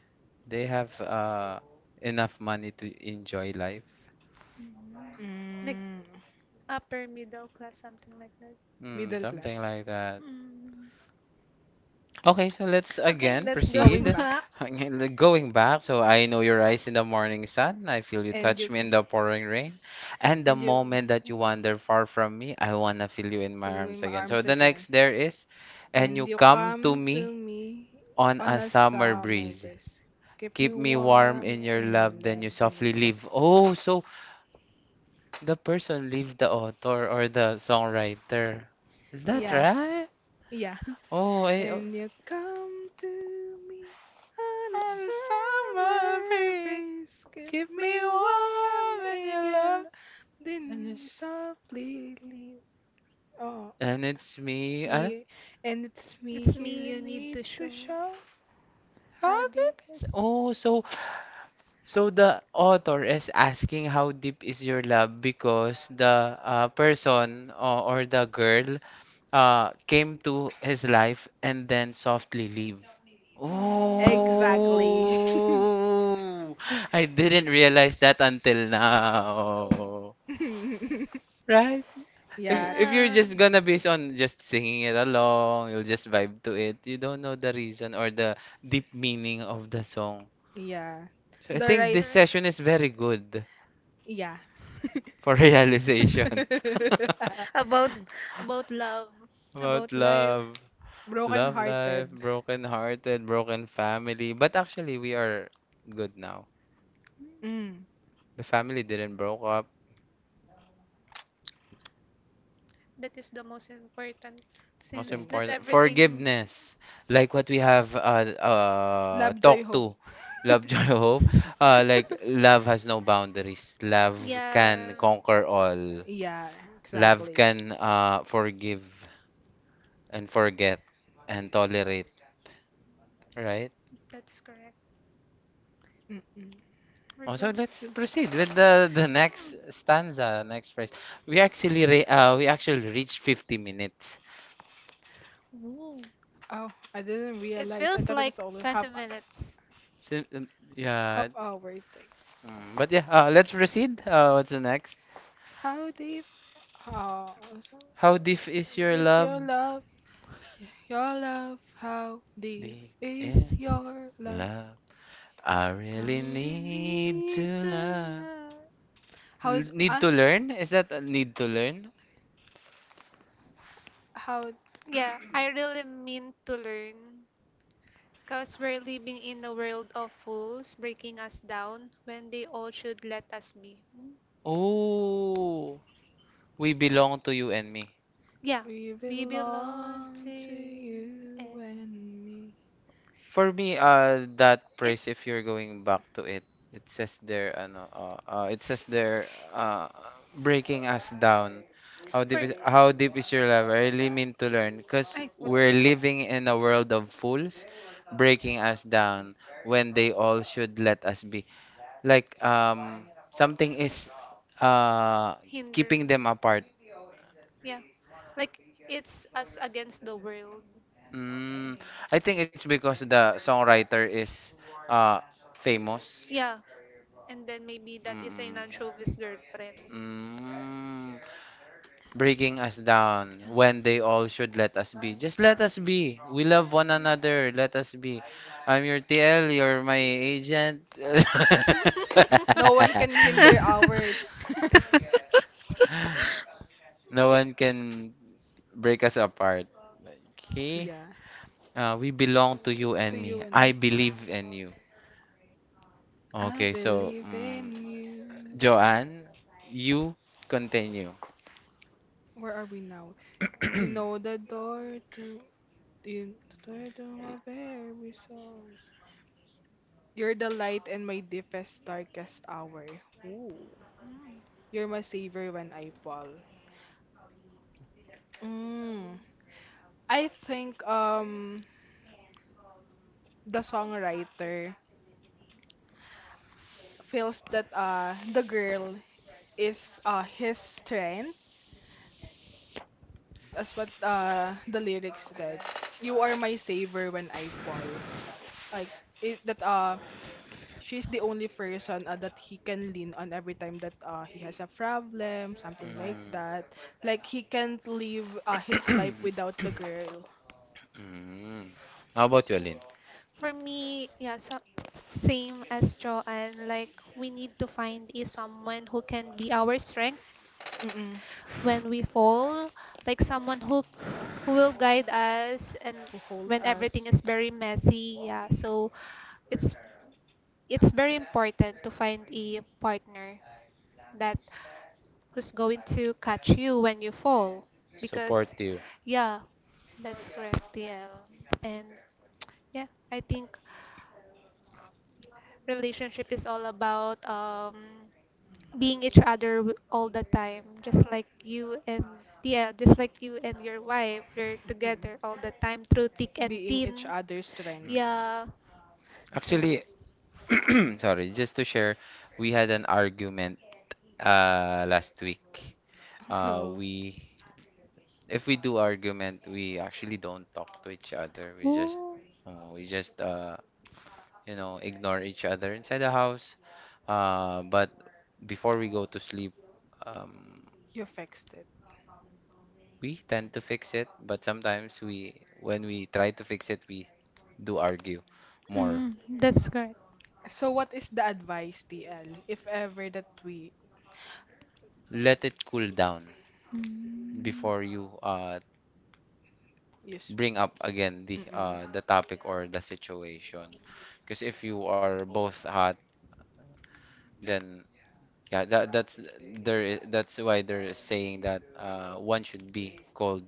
Speaker 1: They have enough money to enjoy life.
Speaker 3: Mm. Like
Speaker 2: Mm,
Speaker 3: upper middle class, something like that.
Speaker 1: Hmm,
Speaker 2: middle
Speaker 1: something
Speaker 2: class.
Speaker 1: like that.
Speaker 3: Mm.
Speaker 1: Okay, so let's
Speaker 3: Okay,
Speaker 1: again
Speaker 3: let's go
Speaker 2: Going
Speaker 1: proceed.
Speaker 2: back.
Speaker 3: back.
Speaker 1: Going back, so I know your eyes in the morning sun. I feel you
Speaker 2: And
Speaker 1: touch
Speaker 2: you
Speaker 1: me in the
Speaker 3: Mm.
Speaker 1: pouring rain. And the
Speaker 2: and you
Speaker 1: moment that you
Speaker 2: mm.
Speaker 1: wander far from me, I wanna feel you in my
Speaker 2: and
Speaker 1: arms
Speaker 2: in my
Speaker 1: again. So
Speaker 2: arms
Speaker 1: the
Speaker 2: again.
Speaker 1: next there is, and you
Speaker 2: And you
Speaker 1: come to
Speaker 2: come to
Speaker 1: me
Speaker 2: me
Speaker 1: on
Speaker 2: on
Speaker 1: a
Speaker 2: a
Speaker 1: summer
Speaker 2: summer
Speaker 1: breeze.
Speaker 2: breeze. Keep me
Speaker 1: Keep me warm
Speaker 2: warm
Speaker 1: in your
Speaker 2: in your
Speaker 1: love, then
Speaker 2: love
Speaker 1: you
Speaker 2: than
Speaker 1: softly
Speaker 2: yourself.
Speaker 1: leave. Oh, so the person leave the author or the songwriter. Is that
Speaker 2: Yeah,
Speaker 1: right?
Speaker 2: yeah.
Speaker 1: Oh, I. Oh.
Speaker 2: And you come to me on a
Speaker 1: On the summer
Speaker 2: summer
Speaker 1: breeze,
Speaker 2: breeze. Keep
Speaker 1: keep me
Speaker 2: me warm
Speaker 1: warm in
Speaker 2: in
Speaker 1: your
Speaker 2: your
Speaker 1: love,
Speaker 2: love.
Speaker 1: and
Speaker 2: Then you
Speaker 1: it's
Speaker 2: softly leave. Oh, yeah.
Speaker 1: and it's me.
Speaker 2: And it's me
Speaker 3: It's me
Speaker 2: you
Speaker 3: you need
Speaker 2: need
Speaker 3: to
Speaker 2: to
Speaker 3: show.
Speaker 2: show.
Speaker 1: How
Speaker 3: How do you
Speaker 1: deep is?
Speaker 3: kiss?
Speaker 1: Oh, so so the author is asking how deep is your love because the person or the girl came to his life and then softly leave.
Speaker 3: Mm.
Speaker 2: Exactly.
Speaker 1: Oh, I didn't realize that until
Speaker 3: Oh,
Speaker 1: now. Right?
Speaker 2: yeah.
Speaker 1: If you're
Speaker 3: yeah.
Speaker 1: just gonna base on just singing it along, you'll just vibe to it. You don't know the reason or the deep meaning of the song.
Speaker 2: Yeah.
Speaker 1: So I
Speaker 2: The
Speaker 1: think
Speaker 3: That's
Speaker 2: right.
Speaker 1: this
Speaker 3: correct.
Speaker 1: session is very good
Speaker 2: Yeah.
Speaker 1: for realization.
Speaker 3: About about love,
Speaker 1: About
Speaker 3: about life.
Speaker 1: love.
Speaker 2: Broken
Speaker 1: Love life,
Speaker 2: hearted.
Speaker 1: broken hearted, broken family. But actually, we are good now.
Speaker 2: Mm.
Speaker 1: The family didn't broke up.
Speaker 3: That is the most important
Speaker 1: Most
Speaker 3: since
Speaker 2: Thing.
Speaker 3: not
Speaker 1: important,
Speaker 3: everything
Speaker 1: forgiveness. Like what we have
Speaker 2: Love, joy,
Speaker 1: talked
Speaker 2: hope.
Speaker 1: to. Love, joy, hope. Like, love has no boundaries. Love
Speaker 3: Yeah,
Speaker 1: can conquer all.
Speaker 2: Yeah,
Speaker 1: Love
Speaker 2: exactly.
Speaker 1: can forgive and forget and tolerate. Right?
Speaker 3: that's correct.
Speaker 2: Mm-mm.
Speaker 3: We're
Speaker 1: Oh, so
Speaker 3: going.
Speaker 1: let's proceed with the next stanza, next phrase. We actually reached 50 minutes.
Speaker 3: Ooh.
Speaker 2: Oh, I didn't
Speaker 3: It
Speaker 2: realize. I
Speaker 3: feels
Speaker 2: thought it was
Speaker 3: like
Speaker 2: only half
Speaker 3: 20 minutes.
Speaker 1: So,
Speaker 2: half
Speaker 1: yeah,
Speaker 2: hour thing.
Speaker 1: but yeah, let's proceed. What's the next?
Speaker 2: How deep? Also,
Speaker 1: How deep is your
Speaker 2: love? Your
Speaker 1: love?
Speaker 2: love? How deep
Speaker 1: Deep
Speaker 2: is
Speaker 1: is
Speaker 2: your love?
Speaker 1: love. I
Speaker 2: really
Speaker 1: really
Speaker 2: really
Speaker 1: need
Speaker 2: need
Speaker 1: to
Speaker 2: need
Speaker 1: love.
Speaker 2: know how need
Speaker 1: Need to learn? Is that a need to learn?
Speaker 2: how
Speaker 3: Yeah, I really mean to learn. Because we're living in a world of fools breaking us down when they all should let us be.
Speaker 1: Oh, we belong to you and me.
Speaker 3: Yeah,
Speaker 2: we
Speaker 3: we belong to
Speaker 2: belong to
Speaker 3: you
Speaker 2: you
Speaker 3: and
Speaker 2: and me.
Speaker 1: For me, that
Speaker 3: it
Speaker 1: praise, if you're going back to it, it says there, breaking us down. How
Speaker 3: for
Speaker 1: deep
Speaker 3: me.
Speaker 1: is how deep is your love? I really mean to learn, cause
Speaker 3: I would
Speaker 1: we're living in a world of fools, breaking us down when they all should let us be. Like something is uh
Speaker 3: hinder.
Speaker 1: keeping them apart.
Speaker 3: Yeah, like it's us against the world.
Speaker 1: Mm, I think it's because the songwriter is uh famous.
Speaker 3: Yeah. And then maybe that is a
Speaker 1: Mm.
Speaker 3: non-showbiz girlfriend.
Speaker 1: Mm. Breaking us down when they all should let us be. Just let us be. We love one another. Let us be. I'm your TL. You're my agent.
Speaker 2: No one can hinder our
Speaker 1: No one can break us apart. Okay?
Speaker 2: yeah
Speaker 1: We belong to you and me. I
Speaker 2: me.
Speaker 1: believe in you.
Speaker 2: I
Speaker 1: Okay, so,
Speaker 2: believe in you.
Speaker 1: Joanne, you continue.
Speaker 2: Where are we now? You know the door to my very soul. You're the light in my deepest, darkest hour. Ooh. You're my savior when I fall. Mm. I think the songwriter feels that the girl is his strength. That's what the lyrics said. You are my savior when I fall. Like it, that she's the only person that he can lean on every time that he has a problem, something like
Speaker 1: Mm.
Speaker 2: that. Like he can't live his life without the girl.
Speaker 1: Mm. How about you, Alin?
Speaker 3: For me, yeah, so same as Joanne. Like we need to find is someone who can be our strength
Speaker 2: Mm-mm.
Speaker 3: when we fall, like someone who will guide us and
Speaker 2: Who hold
Speaker 3: when everything
Speaker 2: us.
Speaker 3: is very messy. Yeah, so it's it's very important to find a partner that who's going to catch you when you fall because
Speaker 1: Supportive.
Speaker 3: yeah that's correct TL and yeah I think relationship is all about being each other w- all the time just like you and TL just like you and your wife you're
Speaker 2: Mm-mm.
Speaker 3: together all the time through thick and
Speaker 2: Being each
Speaker 3: thin
Speaker 2: other's strength.
Speaker 1: Mm.
Speaker 3: yeah so
Speaker 1: Actually, sorry, just to share, we had an argument last week.
Speaker 2: Oh,
Speaker 1: We If we do argument, we actually don't talk to each other. We just
Speaker 3: Oh,
Speaker 1: uh, we just uh you know, ignore each other inside the house. But before we go to sleep, um
Speaker 2: you fixed
Speaker 1: we tend to fix it, but sometimes we when we try to fix it, we do argue more.
Speaker 3: mm, that's correct.
Speaker 2: so what is the advice, TL, if ever that we
Speaker 1: Let it cool down
Speaker 3: Mm,
Speaker 1: before you
Speaker 2: use?
Speaker 1: bring up again the
Speaker 2: Mm-mm.
Speaker 1: the topic or the situation because if you are both hot then yeah that's there is, that's why they're saying that one should be cold,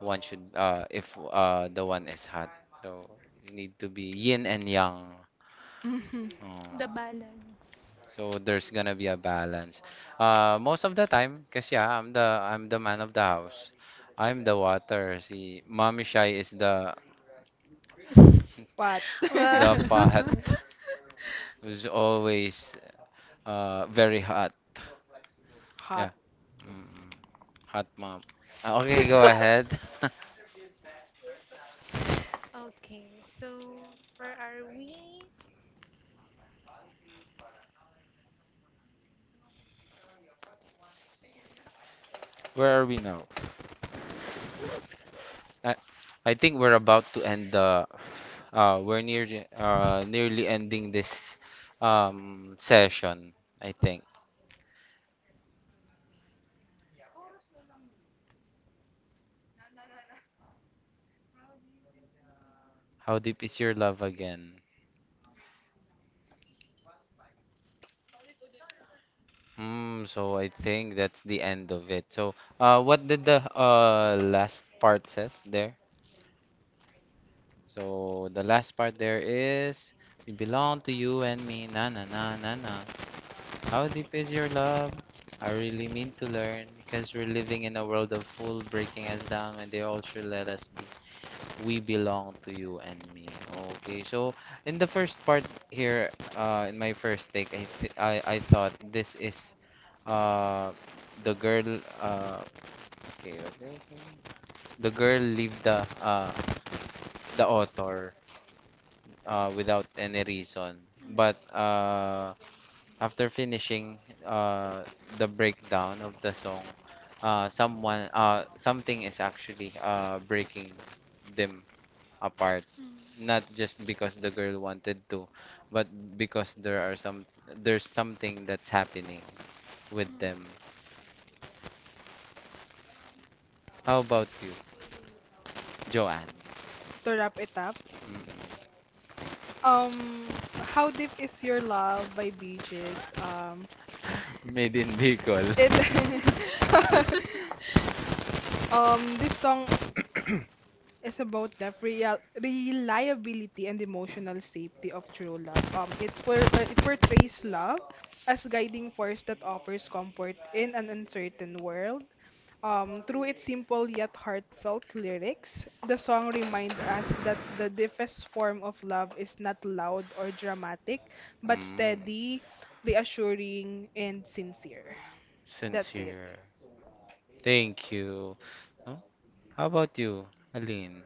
Speaker 1: one should if the one is hot so you need to be yin and yang.
Speaker 2: Mhm.
Speaker 1: Mm.
Speaker 3: the balance.
Speaker 1: So there's gonna be a balance. Most of the time, cause yeah, I'm the man of the house. I'm the water. See, Mommy Shy is the
Speaker 2: What?
Speaker 3: Well,
Speaker 1: the pot who's always very hot. Yeah.
Speaker 2: Hot.
Speaker 1: Mm, Hot mom. Okay, go ahead.
Speaker 3: okay, so where are we?
Speaker 1: Where are we now? I I think we're about to end the we're near nearly ending this session, I think. How deep is your love again? So I think that's the end of it. So, what did the last part says there? So the last part there is we belong to you and me, na na na na na. How deep is your love? I really mean to learn because we're living in a world of fool breaking us down when they all should let us be. We belong to you and me. Okay, so in the first part here, in my first take, I th I thought this is, uh, the girl. Okay, okay, okay, the girl leave the author without any reason.
Speaker 3: Mm,
Speaker 1: But after finishing uh the breakdown of the song, someone something is actually breaking them apart. Not just because the girl wanted to, but because there's something that's happening with
Speaker 3: mm,
Speaker 1: them. How about you, Joanne?
Speaker 2: To wrap it up,
Speaker 1: Mm-mm.
Speaker 2: um, how deep is your love by beaches? Um,
Speaker 1: Made in
Speaker 2: it
Speaker 1: Bicol.
Speaker 3: mm.
Speaker 2: this song is about the real reliability and emotional safety of true love. It portrays love as guiding force that offers comfort in an uncertain world. Through its simple yet heartfelt lyrics, the song reminds us that the deepest form of love is not loud or dramatic, but
Speaker 1: Mm.
Speaker 2: steady, reassuring, and sincere. That's it.
Speaker 1: Sincere. Thank you. No? How about you, Aline?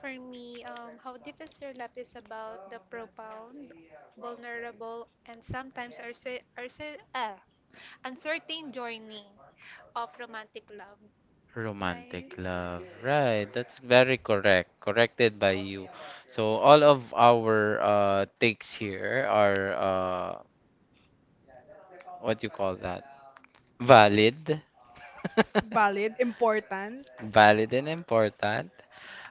Speaker 3: For me, how deep is your love is about the profound, vulnerable, and sometimes uncertain journey of romantic love, right?
Speaker 1: Romantic love. Right, that's very correct. Corrected by you. So all of our takes here are what do you call that? Valid.
Speaker 2: Valid, important.
Speaker 1: Valid and important.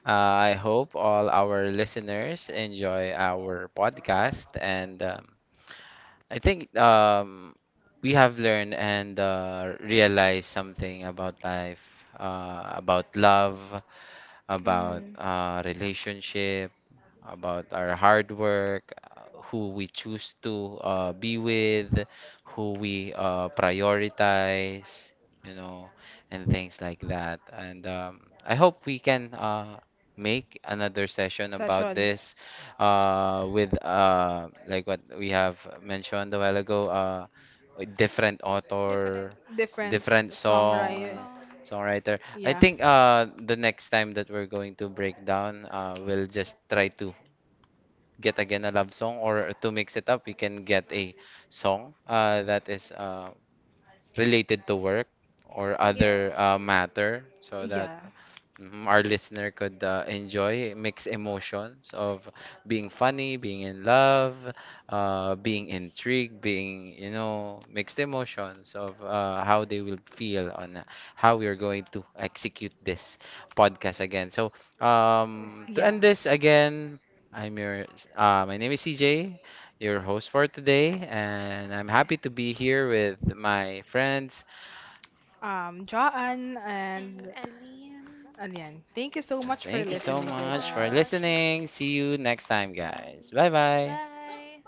Speaker 1: I hope all our listeners enjoy our podcast, and I think we have learned and realized something about life, about love, about
Speaker 2: Mm.
Speaker 1: relationship about our hard work, who we choose to be with, who we prioritize, you know, and things like that. And I hope we can make another session about
Speaker 2: session,
Speaker 1: this with like what we have mentioned a while ago, a different
Speaker 3: Different.
Speaker 1: author,
Speaker 2: different
Speaker 1: different
Speaker 2: songwriter.
Speaker 1: song,
Speaker 3: Song.
Speaker 1: songwriter. I
Speaker 2: Yeah,
Speaker 1: think the next time that we're going to break down, we'll just try to get again a love song or to mix it up, we can get a song that is related to work or
Speaker 3: Yeah.
Speaker 1: other matter so that
Speaker 2: yeah,
Speaker 1: Mhm, our listener could enjoy mixed emotions of being funny, being in love, being intrigued, being, mixed emotions of how they will feel on how we are going to execute this podcast again. So, to
Speaker 2: yeah.
Speaker 1: end this again, I'm your, my name is CJ, your host for today, and I'm happy to be here with my friends.
Speaker 2: Joanne
Speaker 3: And
Speaker 2: and
Speaker 3: Aline,
Speaker 2: Anyan, thank you so much for
Speaker 1: Thank you
Speaker 3: thank you
Speaker 1: so
Speaker 2: listening
Speaker 3: so
Speaker 2: with
Speaker 1: much for
Speaker 2: us.
Speaker 3: much.
Speaker 1: listening. See you next time,
Speaker 3: Sing.
Speaker 1: guys. Bye bye.
Speaker 3: Bye.